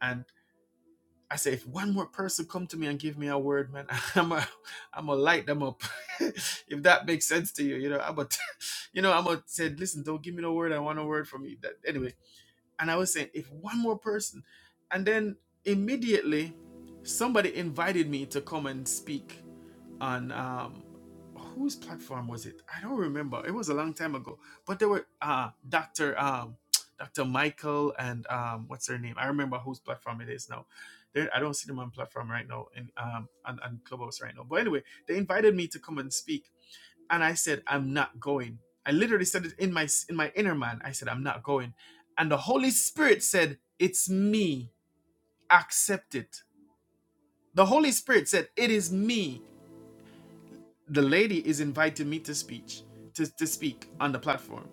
A: And I said, if one more person come to me and give me a word, man, I'm gonna, i I'm gonna light them up. if that makes sense to you, you know, I'm a, you know, I'm gonna say, listen, don't give me no word. I want a word from you. That anyway. And I was saying, if one more person, and then immediately, somebody invited me to come and speak on um whose platform was it? I don't remember. It was a long time ago. But there were uh Dr. um Dr. Michael and um what's their name? I remember whose platform it is now. There I don't see them on platform right now in um on, on Clubhouse right now. But anyway, they invited me to come and speak and I said I'm not going. I literally said it in my in my inner man. I said I'm not going. And the Holy Spirit said, "It's me. Accept it." The Holy Spirit said, "It is me. the lady is inviting me to speech to, to speak on the platform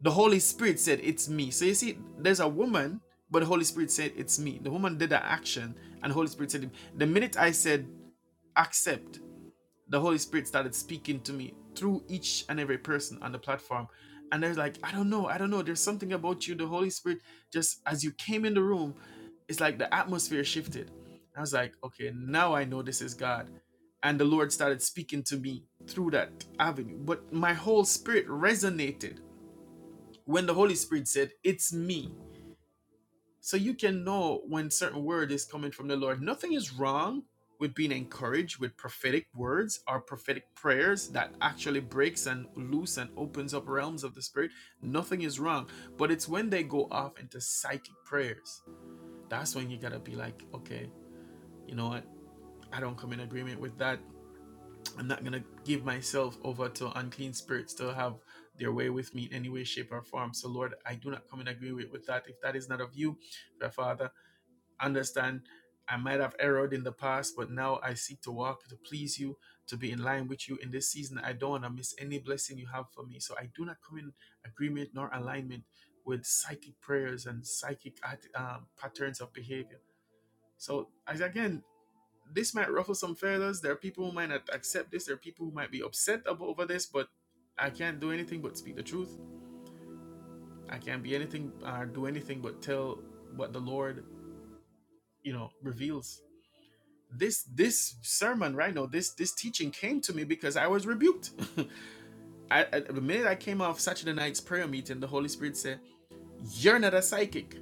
A: the holy spirit said it's me so you see there's a woman but the holy spirit said it's me the woman did an action and the holy spirit said the minute i said accept the Holy Spirit started speaking to me through each and every person on the platform. And they're like, I don't know, I don't know. There's something about you. The Holy Spirit, just as you came in the room, it's like the atmosphere shifted. I was like, okay, now I know this is God. And the Lord started speaking to me through that avenue. But my whole spirit resonated when the Holy Spirit said, It's me. So you can know when certain word is coming from the Lord. Nothing is wrong with being encouraged with prophetic words or prophetic prayers that actually breaks and loose and opens up realms of the spirit. Nothing is wrong. But it's when they go off into psychic prayers. That's when you gotta be like, okay, you know what? I don't come in agreement with that. I'm not gonna give myself over to unclean spirits to have their way with me in any way, shape, or form. So Lord, I do not come in agreement with that. If that is not of you, Father, understand I might have erred in the past, but now I seek to walk to please you, to be in line with you in this season. I don't want to miss any blessing you have for me. So I do not come in agreement nor alignment with psychic prayers and psychic um, patterns of behavior. So as again, this might ruffle some feathers. There are people who might not accept this. There are people who might be upset over this, but I can't do anything but speak the truth. I can't be anything or do anything but tell what the Lord, you know, reveals. this this sermon right now this this teaching came to me because i was rebuked I, I- the minute i came off saturday night's prayer meeting the holy spirit said you're not a psychic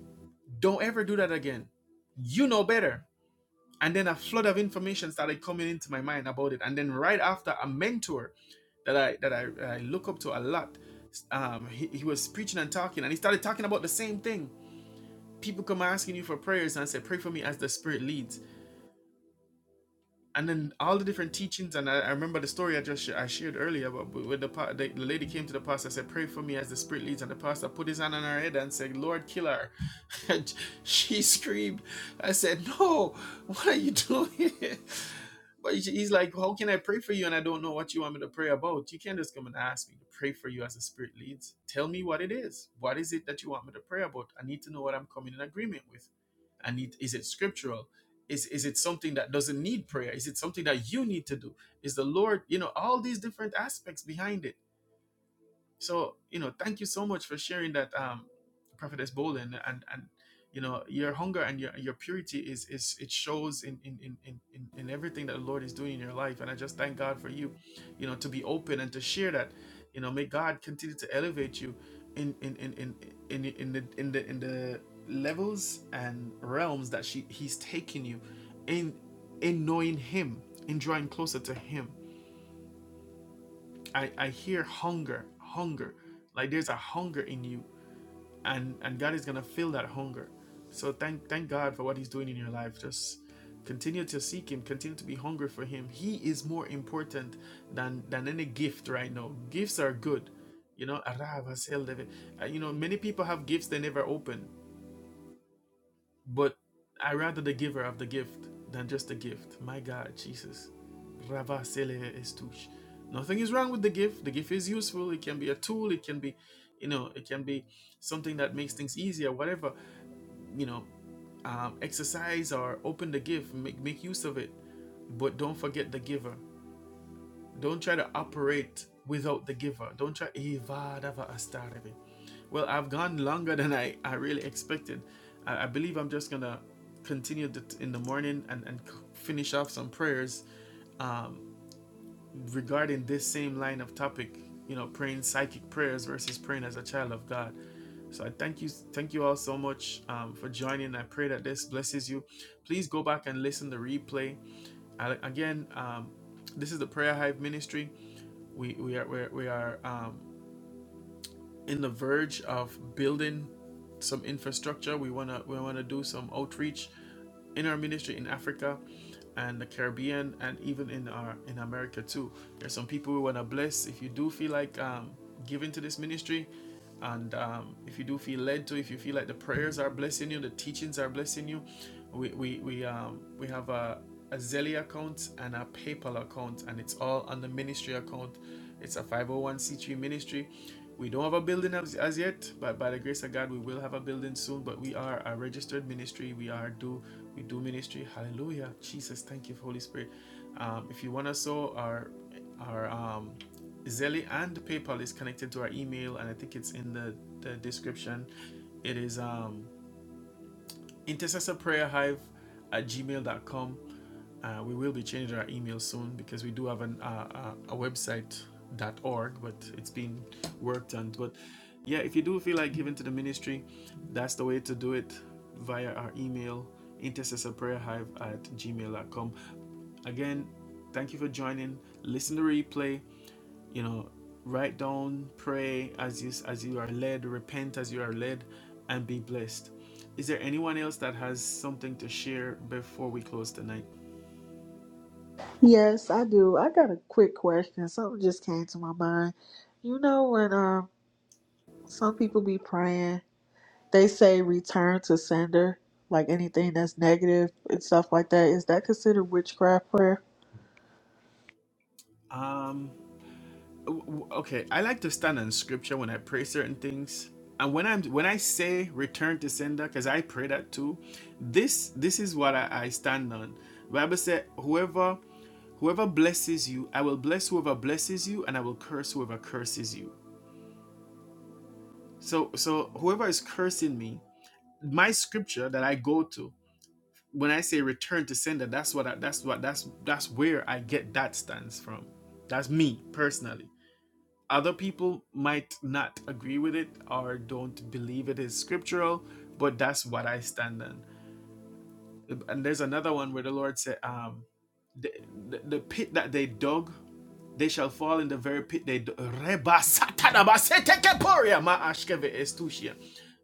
A: don't ever do that again you know better and then a flood of information started coming into my mind about it and then right after a mentor that i that i, I look up to a lot um he, he was preaching and talking and he started talking about the same thing people come asking you for prayers and say pray for me as the spirit leads and then all the different teachings and I, I remember the story I just sh- I shared earlier about when the, pa- the the lady came to the pastor said pray for me as the spirit leads and the pastor put his hand on her head and said Lord kill her and she screamed I said no what are you doing but he's like how can I pray for you and I don't know what you want me to pray about you can't just come and ask me to pray for you as the spirit leads tell me what it is what is it that you want me to pray about I need to know what I'm coming in agreement with I need is it scriptural? Is is it something that doesn't need prayer? Is it something that you need to do? Is the Lord, you know, all these different aspects behind it so, you know, thank you so much for sharing that, um, Prophetess Bolin, and and you know, your hunger and your your purity is is it shows in in in in in in everything that the Lord is doing in your life. And I just thank God for you, you know, to be open and to share that. You know, may God continue to elevate you in in in in in, in the in the in the levels and realms that she he's taking you in in knowing him in drawing closer to him I, I hear hunger, hunger. Like there's a hunger in you, and and God is gonna fill that hunger. So thank thank God for what He's doing in your life. Just continue to seek Him, continue to be hungry for Him. He is more important than than any gift right now. Gifts are good, you know. "Ara, vasel deve-" Uh, You know, many people have gifts they never open. But I rather the giver of the gift than just the gift. My God, Jesus. Rava Sele Estush. Nothing is wrong with the gift. The gift is useful. It can be a tool. It can be, you know, it can be something that makes things easier, whatever, you know, um, exercise or open the gift, make, make use of it. But don't forget the giver. Don't try to operate without the giver. Don't try. Well, I've gone longer than I, I really expected. I, I believe I'm just going to continue in the morning and, and finish off some prayers regarding this same line of topic, you know, praying psychic prayers versus praying as a child of God. So I thank you, thank you all so much um, for joining. I pray that this blesses you. Please go back and listen to the replay again, um, this is the Prayer Hive Ministry. We we are we are, we are um, in the verge of building some infrastructure. We wanna we wanna do some outreach in our ministry in Africa and the Caribbean and even in our in America too. There's some people we wanna bless. If you do feel like um, giving to this ministry, and um, if you do feel led to, if you feel like the prayers are blessing you, the teachings are blessing you, we we we um we have a a Zelle account and a PayPal account, and it's all on the ministry account. It's a 501c3 ministry we don't have a building as, as yet, but by the grace of God, we will have a building soon. But we are a registered ministry. We are do we do ministry. Hallelujah. Jesus, thank you, Holy Spirit. Um, if you want to sow our our um, Zelle and PayPal is connected to our email, and I think it's in the, the description. It is um, intercessorprayerhive at gmail gmail.com. Uh, we will be changing our email soon because we do have an, uh, uh, a website dot org, but it's being worked on. But yeah, if you do feel like giving to the ministry, that's the way to do it via our email intercessorprayerhive at gmail dot com. Again, thank you for joining. Listen to the replay you know write down pray as you as you are led repent as you are led and be blessed is there anyone else that has something to share before we close tonight
D: Yes, I do. I got a quick question. Something just came to my mind. You know when um some people be praying, they say return to sender, like anything that's negative and stuff like that. Is that considered witchcraft prayer?
A: um okay i like to stand on scripture when i pray certain things and when i'm when i say return to sender because i pray that too this this is what i, I stand on The bible said whoever whoever blesses you i will bless whoever blesses you and i will curse whoever curses you so so whoever is cursing me my scripture that I go to when I say return to sender, that's what I, that's what that's that's where I get that stance from. That's me personally. Other people might not agree with it or don't believe it is scriptural, but that's what I stand on. And there's another one where the Lord said, um, the, the, the pit that they dug they shall fall in the very pit they do.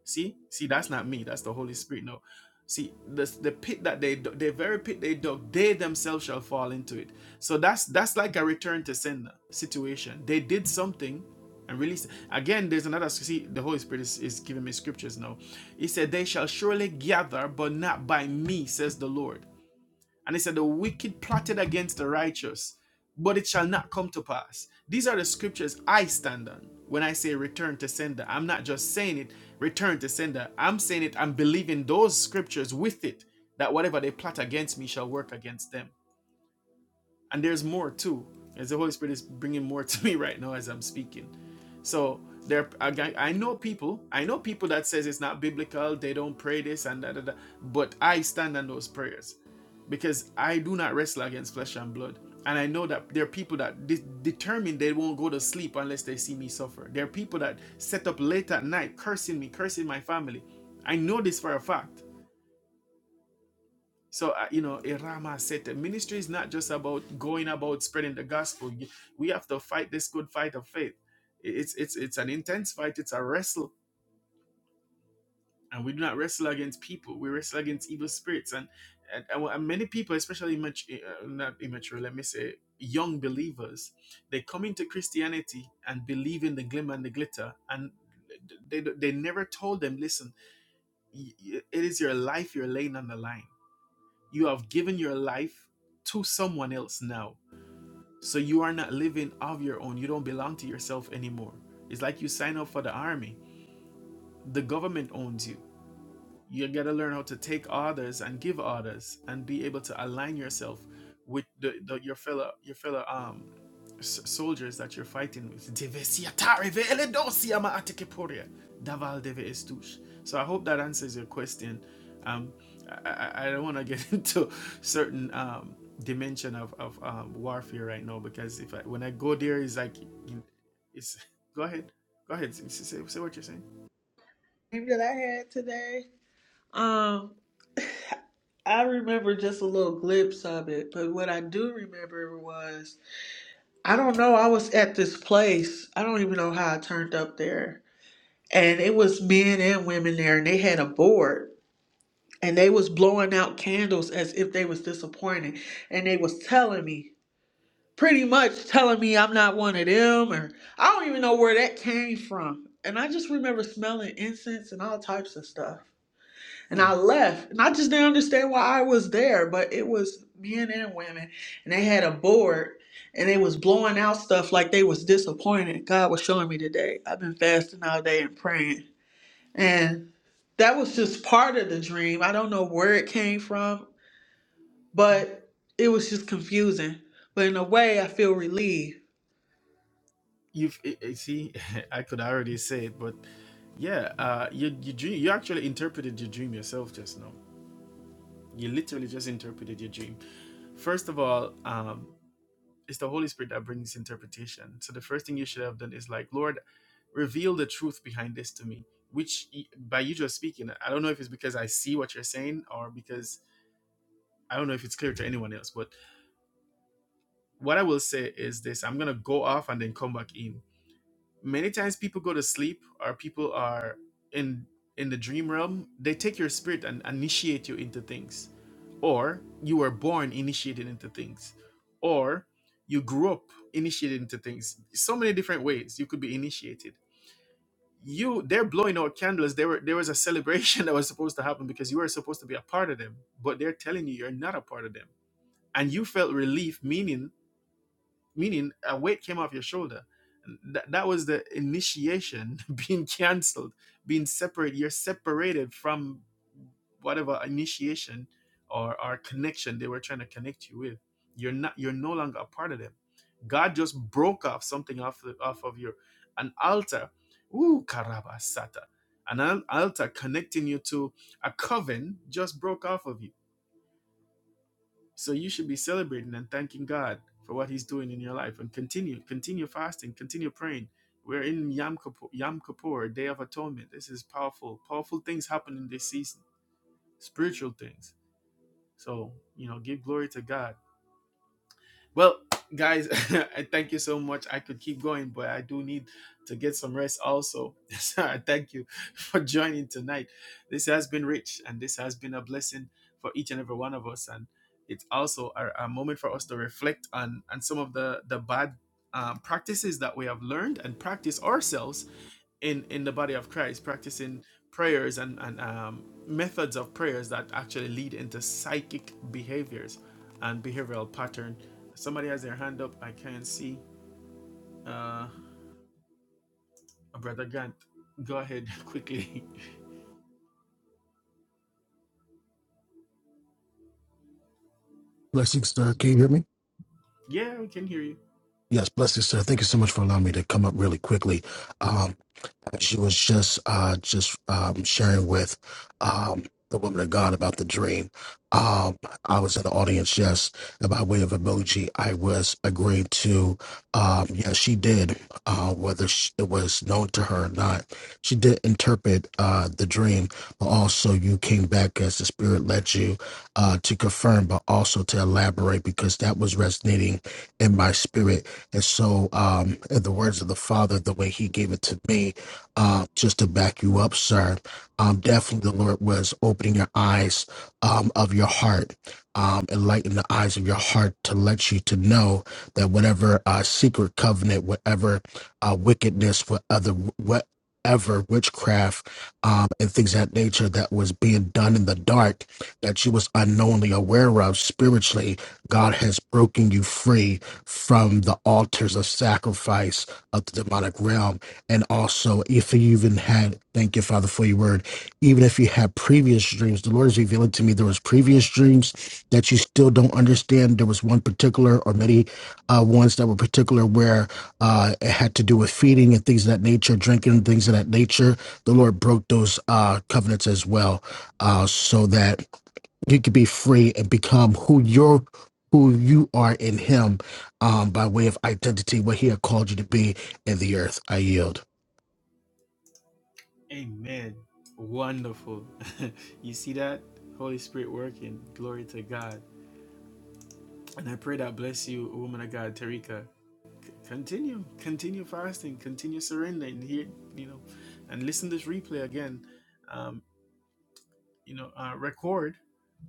A: See, see, that's not me. That's the Holy Spirit. No, see, the the pit that they dug- the very pit they dug, they themselves shall fall into it. So that's that's like a return to sin situation. They did something and release. Again, there's another. See, the Holy Spirit is, is giving me scriptures now. He said, "They shall surely gather, but not by me," says the Lord. And he said, The wicked plotted against the righteous, but it shall not come to pass. These are the scriptures I stand on when I say return to sender. I'm not just saying it, return to sender. I'm saying it, I'm believing those scriptures with it, that whatever they plot against me shall work against them and there's more too as the holy spirit is bringing more to me right now as i'm speaking so there I, I know people i know people that says it's not biblical they don't pray this and that, but i stand on those prayers because i do not wrestle against flesh and blood and i know that there are people that de- determine they won't go to sleep unless they see me suffer there are people that set up late at night cursing me cursing my family i know this for a fact so, uh, you know, Irama said that ministry is not just about going about spreading the gospel. You- We have to fight this good fight of faith. I- It's, it's, it's an intense fight, it's a wrestle. And we do not wrestle against people, we wrestle against evil spirits. And, and, and wh- and many people, especially immature, eh, uh, not immature, let me say, young believers, they come into Christianity and believe in the glim and the glitter. And they, they never told them, listen, y- y- it is your life you're laying on the line you have given your life to someone else now. So you are not living of your own. You don't belong to yourself anymore. It's like you sign up for the army. The government owns you you got to learn how to take orders and give orders and be able to align yourself with the, the your fellow your fellow um s- soldiers that you're fighting with so i hope that answers your question um i, I don't want to get into certain um dimension of, of um, warfare right now because if I, when i go there it's like it's go ahead go ahead say say what you're saying
D: Dream That I had today. Um, I remember just a little glimpse of it, but what I do remember was I don't know. I was at this place. I don't even know how I turned up there, and it was men and women there, and they had a board. and they was blowing out candles as if they was disappointed and they was telling me pretty much telling me i'm not one of them or i don't even know where that came from and i just remember smelling incense and all types of stuff and i left and i just didn't understand why i was there but it was men and women and they had a board and they was blowing out stuff like they was disappointed god was showing me today i've been fasting all day and praying and that was just part of the dream. I don't know where it came from, but it was just confusing. But in a way, I feel relieved.
A: you've eh, eh, see i could already say it but yeah uh you you dream you actually interpreted your dream yourself just now you literally just interpreted your dream first of all um it's the holy spirit that brings interpretation so the first thing you should have done is like lord reveal the truth behind this to me which y- by you just speaking i don't know if it's because i see what you're saying or because i don't know if it's clear to anyone else but what i will say is this i'm gonna go off and then come back in many times people go to sleep or people are in in the dream realm they take your spirit and initiate you into things or you were born initiated into things or you grew up initiated into things so many different ways you could be initiated you they're blowing out candles there were there was a celebration that was supposed to happen because you were supposed to be a part of them but they're telling you you're not a part of them and you felt relief meaning meaning a weight came off your shoulder. That, that was the initiation being canceled, being separated. You're separated from whatever initiation or, or connection they were trying to connect you with. You're not. You're no longer a part of them. God just broke off something off the, off of your an altar. Ooh, karabasata. An al- altar connecting you to a coven just broke off of you so you should be celebrating and thanking God for what He's doing in your life, and continue, continue fasting, continue praying. We're in Yom Kippur, Yom Kippur, Day of Atonement. This is powerful. Powerful things happen in this season, spiritual things. So you know, give glory to God well, guys, I thank you so much. I could keep going, but I do need to get some rest also. So I thank you for joining tonight. This has been rich and this has been a blessing for each and every one of us. And it's also a, a moment for us to reflect on, on some of the, the bad um, practices that we have learned and practice ourselves in in the body of Christ, practicing prayers and and um, methods of prayers that actually lead into psychic behaviors and behavioral pattern. Somebody has their hand up. I can't see. Uh, brother Grant, go ahead quickly.
E: Blessings, sir. Can you hear me?
A: yeah, we can hear you.
E: Yes, blessings, sir. Thank you so much for allowing me to come up really quickly. Um, that she was just uh, just um, sharing with um, the woman of God about the dream. Um, I was in the audience, yes, and by way of emoji, I was agreeing to. Um, yeah, she did, uh, whether sh it was known to her or not, she did interpret uh, the dream, but also you came back as the Spirit led you uh, to confirm, but also to elaborate because that was resonating in my spirit. And so, um, in the words of the Father, the way He gave it to me, uh, just to back you up, sir. Um, definitely, the Lord was opening your eyes um, of your heart, um, enlightening the eyes of your heart to let you to know that whatever uh, secret covenant, whatever uh, wickedness, whatever whatever witchcraft um, and things of that nature that was being done in the dark that you was unknowingly aware of spiritually god has broken you free from the altars of sacrifice of the demonic realm and also, if you even had, thank you, Father, for your word, even if you had previous dreams, the Lord is revealing to me there was previous dreams that you still don't understand. There was one particular or many uh, ones that were particular where uh, it had to do with feeding and things of that nature, drinking and things of that nature. The Lord broke those uh, covenants as well uh, so that you could be free and become who you're who you are in him um, by way of identity, what he had called you to be in the earth. I yield.
A: Amen. Wonderful. you see that Holy Spirit working. Glory to God. And I pray that bless you, woman of God, Tarika. Continue, continue fasting, continue surrendering here, you know, and listen to this replay again. Um, you know, uh, record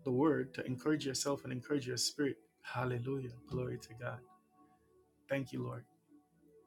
A: the word to encourage yourself and encourage your spirit. Hallelujah. Glory to God. Thank you, Lord.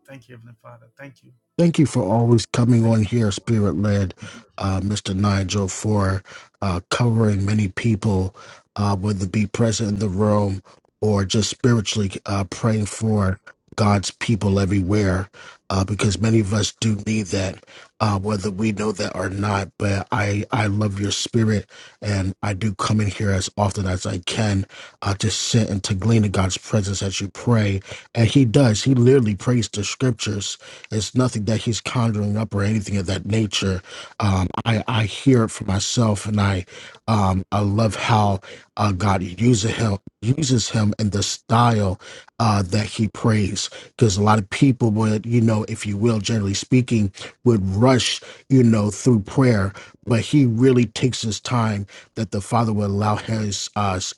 A: Thank you, Heavenly Father. Thank you.
E: Thank you for always coming
A: Thank
E: on
A: you.
E: here, Spirit led, uh, Mr. Nigel, for uh, covering many people, uh, whether it be present in the room or just spiritually uh, praying for God's people everywhere, uh, because many of us do need that, uh, whether we know that or not. But I, I love your spirit, and I do come in here as often as I can uh, to sit and to glean in God's presence as you pray. And He does, He literally prays the scriptures it's nothing that he's conjuring up or anything of that nature. Um, I I hear it for myself, and I um, I love how uh, God uses him uses him in the style uh, that he prays. Because a lot of people would, you know, if you will, generally speaking, would rush, you know, through prayer, but he really takes his time that the Father will allow his us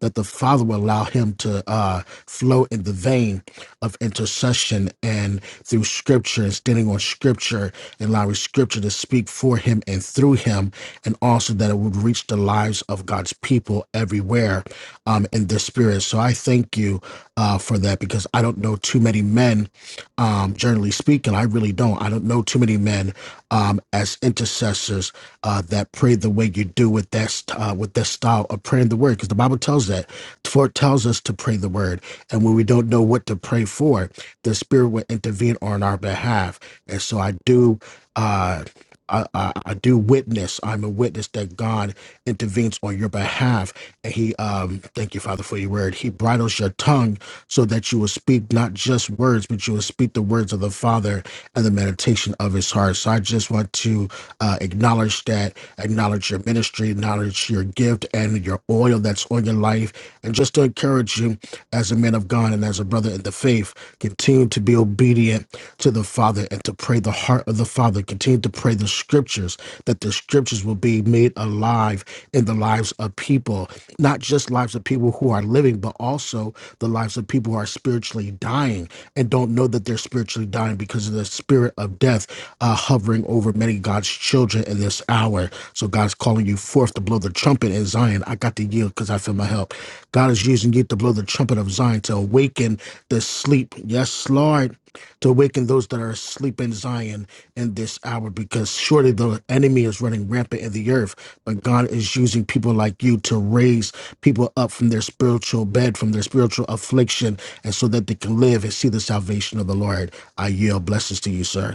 E: that the Father will allow him to uh, flow in the vein of intercession and through Scripture and standing on Scripture and allowing Scripture to speak for him and through him, and also that it would reach the lives of God's people everywhere um, in their spirit. So I thank you uh, for that because I don't know too many men, um, generally speaking. I really don't. I don't know too many men um, as intercessors uh, that pray the way you do with that uh, with that style of praying the word, because the Bible tells that for it tells us to pray the word, and when we don't know what to pray for, the Spirit will intervene on our behalf. And so I do, uh, I, I, I do witness. I'm a witness that God intervenes on your behalf. And he, um, thank you, Father, for your word. He bridles your tongue so that you will speak not just words, but you will speak the words of the Father and the meditation of his heart. So I just want to uh, acknowledge that, acknowledge your ministry, acknowledge your gift and your oil that's on your life. And just to encourage you as a man of God and as a brother in the faith, continue to be obedient to the Father and to pray the heart of the Father. Continue to pray the scriptures, that the scriptures will be made alive alive in the lives of people, not just lives of people who are living, but also the lives of people who are spiritually dying and don't know that they're spiritually dying because of the spirit of death uh, hovering over many God's children in this hour. So God's calling you forth to blow the trumpet in Zion. I got to yield because I feel my help. God is using you to blow the trumpet of Zion to awaken the sleep. Yes, Lord, to awaken those that are asleep in Zion in this hour because surely the enemy is running rampant in the earth but God is using people like you to raise people up from their spiritual bed, from their spiritual affliction, and so that they can live and see the salvation of the Lord. I yield blessings to you, sir.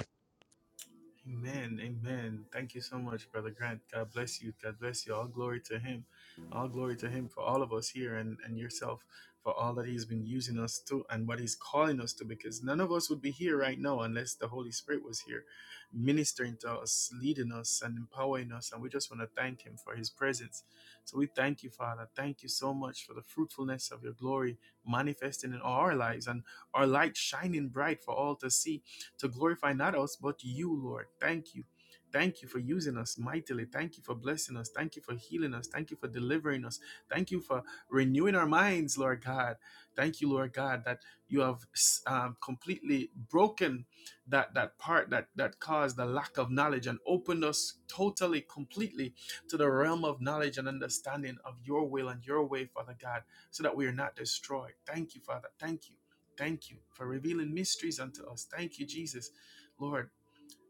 A: Amen. Amen. Thank you so much, Brother Grant. God bless you. God bless you. All glory to Him. All glory to Him for all of us here and, and yourself for all that He's been using us to and what He's calling us to, because none of us would be here right now unless the Holy Spirit was here ministering to us, leading us, and empowering us. And we just want to thank Him for His presence. So we thank you, Father. Thank you so much for the fruitfulness of your glory manifesting in our lives and our light shining bright for all to see to glorify not us, but you, Lord. Thank you. Thank you for using us mightily. Thank you for blessing us. Thank you for healing us. Thank you for delivering us. Thank you for renewing our minds, Lord God. Thank you, Lord God, that you have um, completely broken that that part that that caused the lack of knowledge and opened us totally, completely to the realm of knowledge and understanding of your will and your way, Father God, so that we are not destroyed. Thank you, Father. Thank you. Thank you for revealing mysteries unto us. Thank you, Jesus. Lord,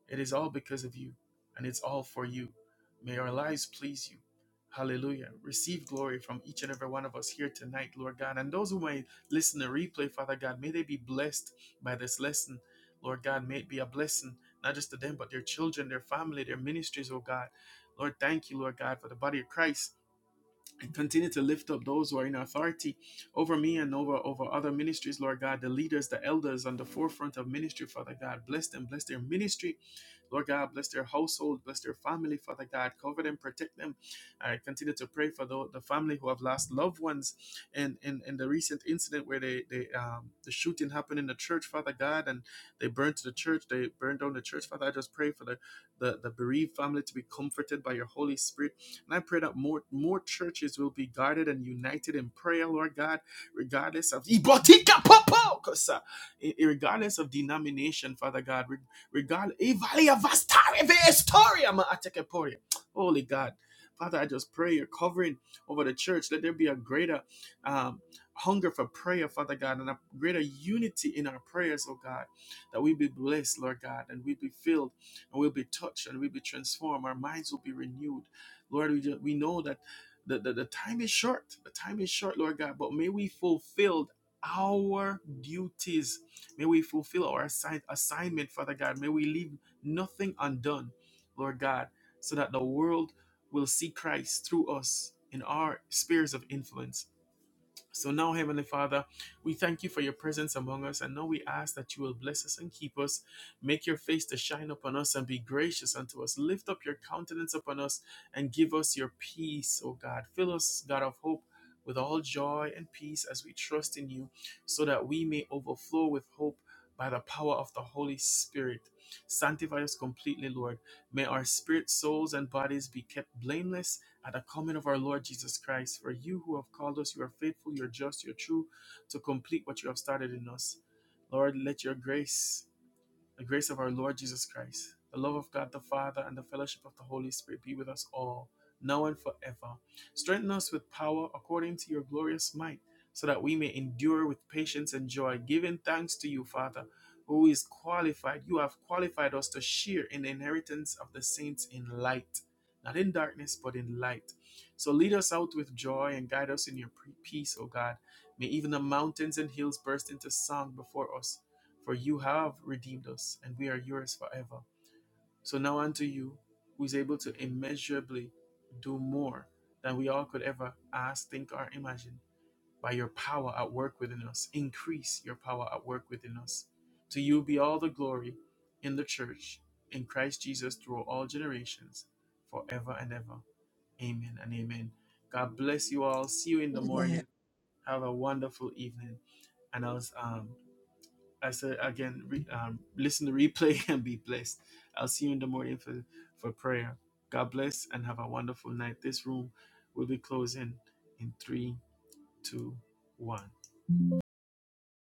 A: it is all because of you, and it's all for you. May our lives please you. Hallelujah. Receive glory from each and every one of us here tonight, Lord God. And those who may listen to replay, Father God, may they be blessed by this lesson. Lord God, may it be a blessing, not just to them, but their children, their family, their ministries, oh God. Lord, thank you, Lord God, for the body of Christ and continue to lift up those who are in authority over me and over over other ministries lord god the leaders the elders on the forefront of ministry father god bless them bless their ministry Lord God, bless their household, bless their family, Father God. Cover them, protect them. I continue to pray for the, the family who have lost loved ones in, in, in the recent incident where they, they um, the shooting happened in the church, Father God, and they burned the church, they burned down the church, Father. I just pray for the, the, the bereaved family to be comforted by your Holy Spirit. And I pray that more more churches will be guarded and united in prayer, Lord God, regardless of regardless of denomination, Father God, Regardless, Ivalia Vastari Vestoria Ma Atekeporia. Holy God. Father, I just pray your covering over the church. Let there be a greater um, hunger for prayer, Father God, and a greater unity in our prayers, oh God, that we be blessed, Lord God, and we be filled, and we'll be touched, and we'll be transformed. Our minds will be renewed. Lord, we, just, we know that the, the, the time is short. The time is short, Lord God, but may we fulfill our duties May we fulfill our assign- assignment, Father God. May we leave nothing undone, Lord God, so that the world will see Christ through us in our spheres of influence. So now, Heavenly Father, we thank you for your presence among us, and now we ask that you will bless us and keep us, make your face to shine upon us and be gracious unto us. Lift up your countenance upon us and give us your peace, O God. Fill us, God of hope, with all joy and peace as we trust in you, so that we may overflow with hope by the power of the Holy Spirit. Sanctify us completely, Lord. May our spirit, souls, and bodies be kept blameless at the coming of our Lord Jesus Christ. For you who have called us, you are faithful, you are just, you are true to complete what you have started in us. Lord, let your grace the grace of our Lord Jesus Christ, the love of God the Father, and the fellowship of the Holy Spirit be with us all, now and forever. Strengthen us with power according to your glorious might, so that we may endure with patience and joy, giving thanks to you, Father, who is qualified. You have qualified us to share in the inheritance of the saints in light, not in darkness, but in light. So lead us out with joy and guide us in your peace, O God. May even the mountains and hills burst into song before us for you have redeemed us, and we are yours forever. So now unto you, who is able to immeasurably do more than we all could ever ask, think, or imagine, by your power at work within us, increase your power at work within us. To you be all the glory in the church, in Christ Jesus, through all generations, forever and ever. Amen and amen. God bless you all. See you in the morning. Have a wonderful evening. And I'll um, I said again, re, um, listen to replay and be blessed. I'll see you in the morning for, for prayer. God bless and have a wonderful night. This room will be closing in three, two, one.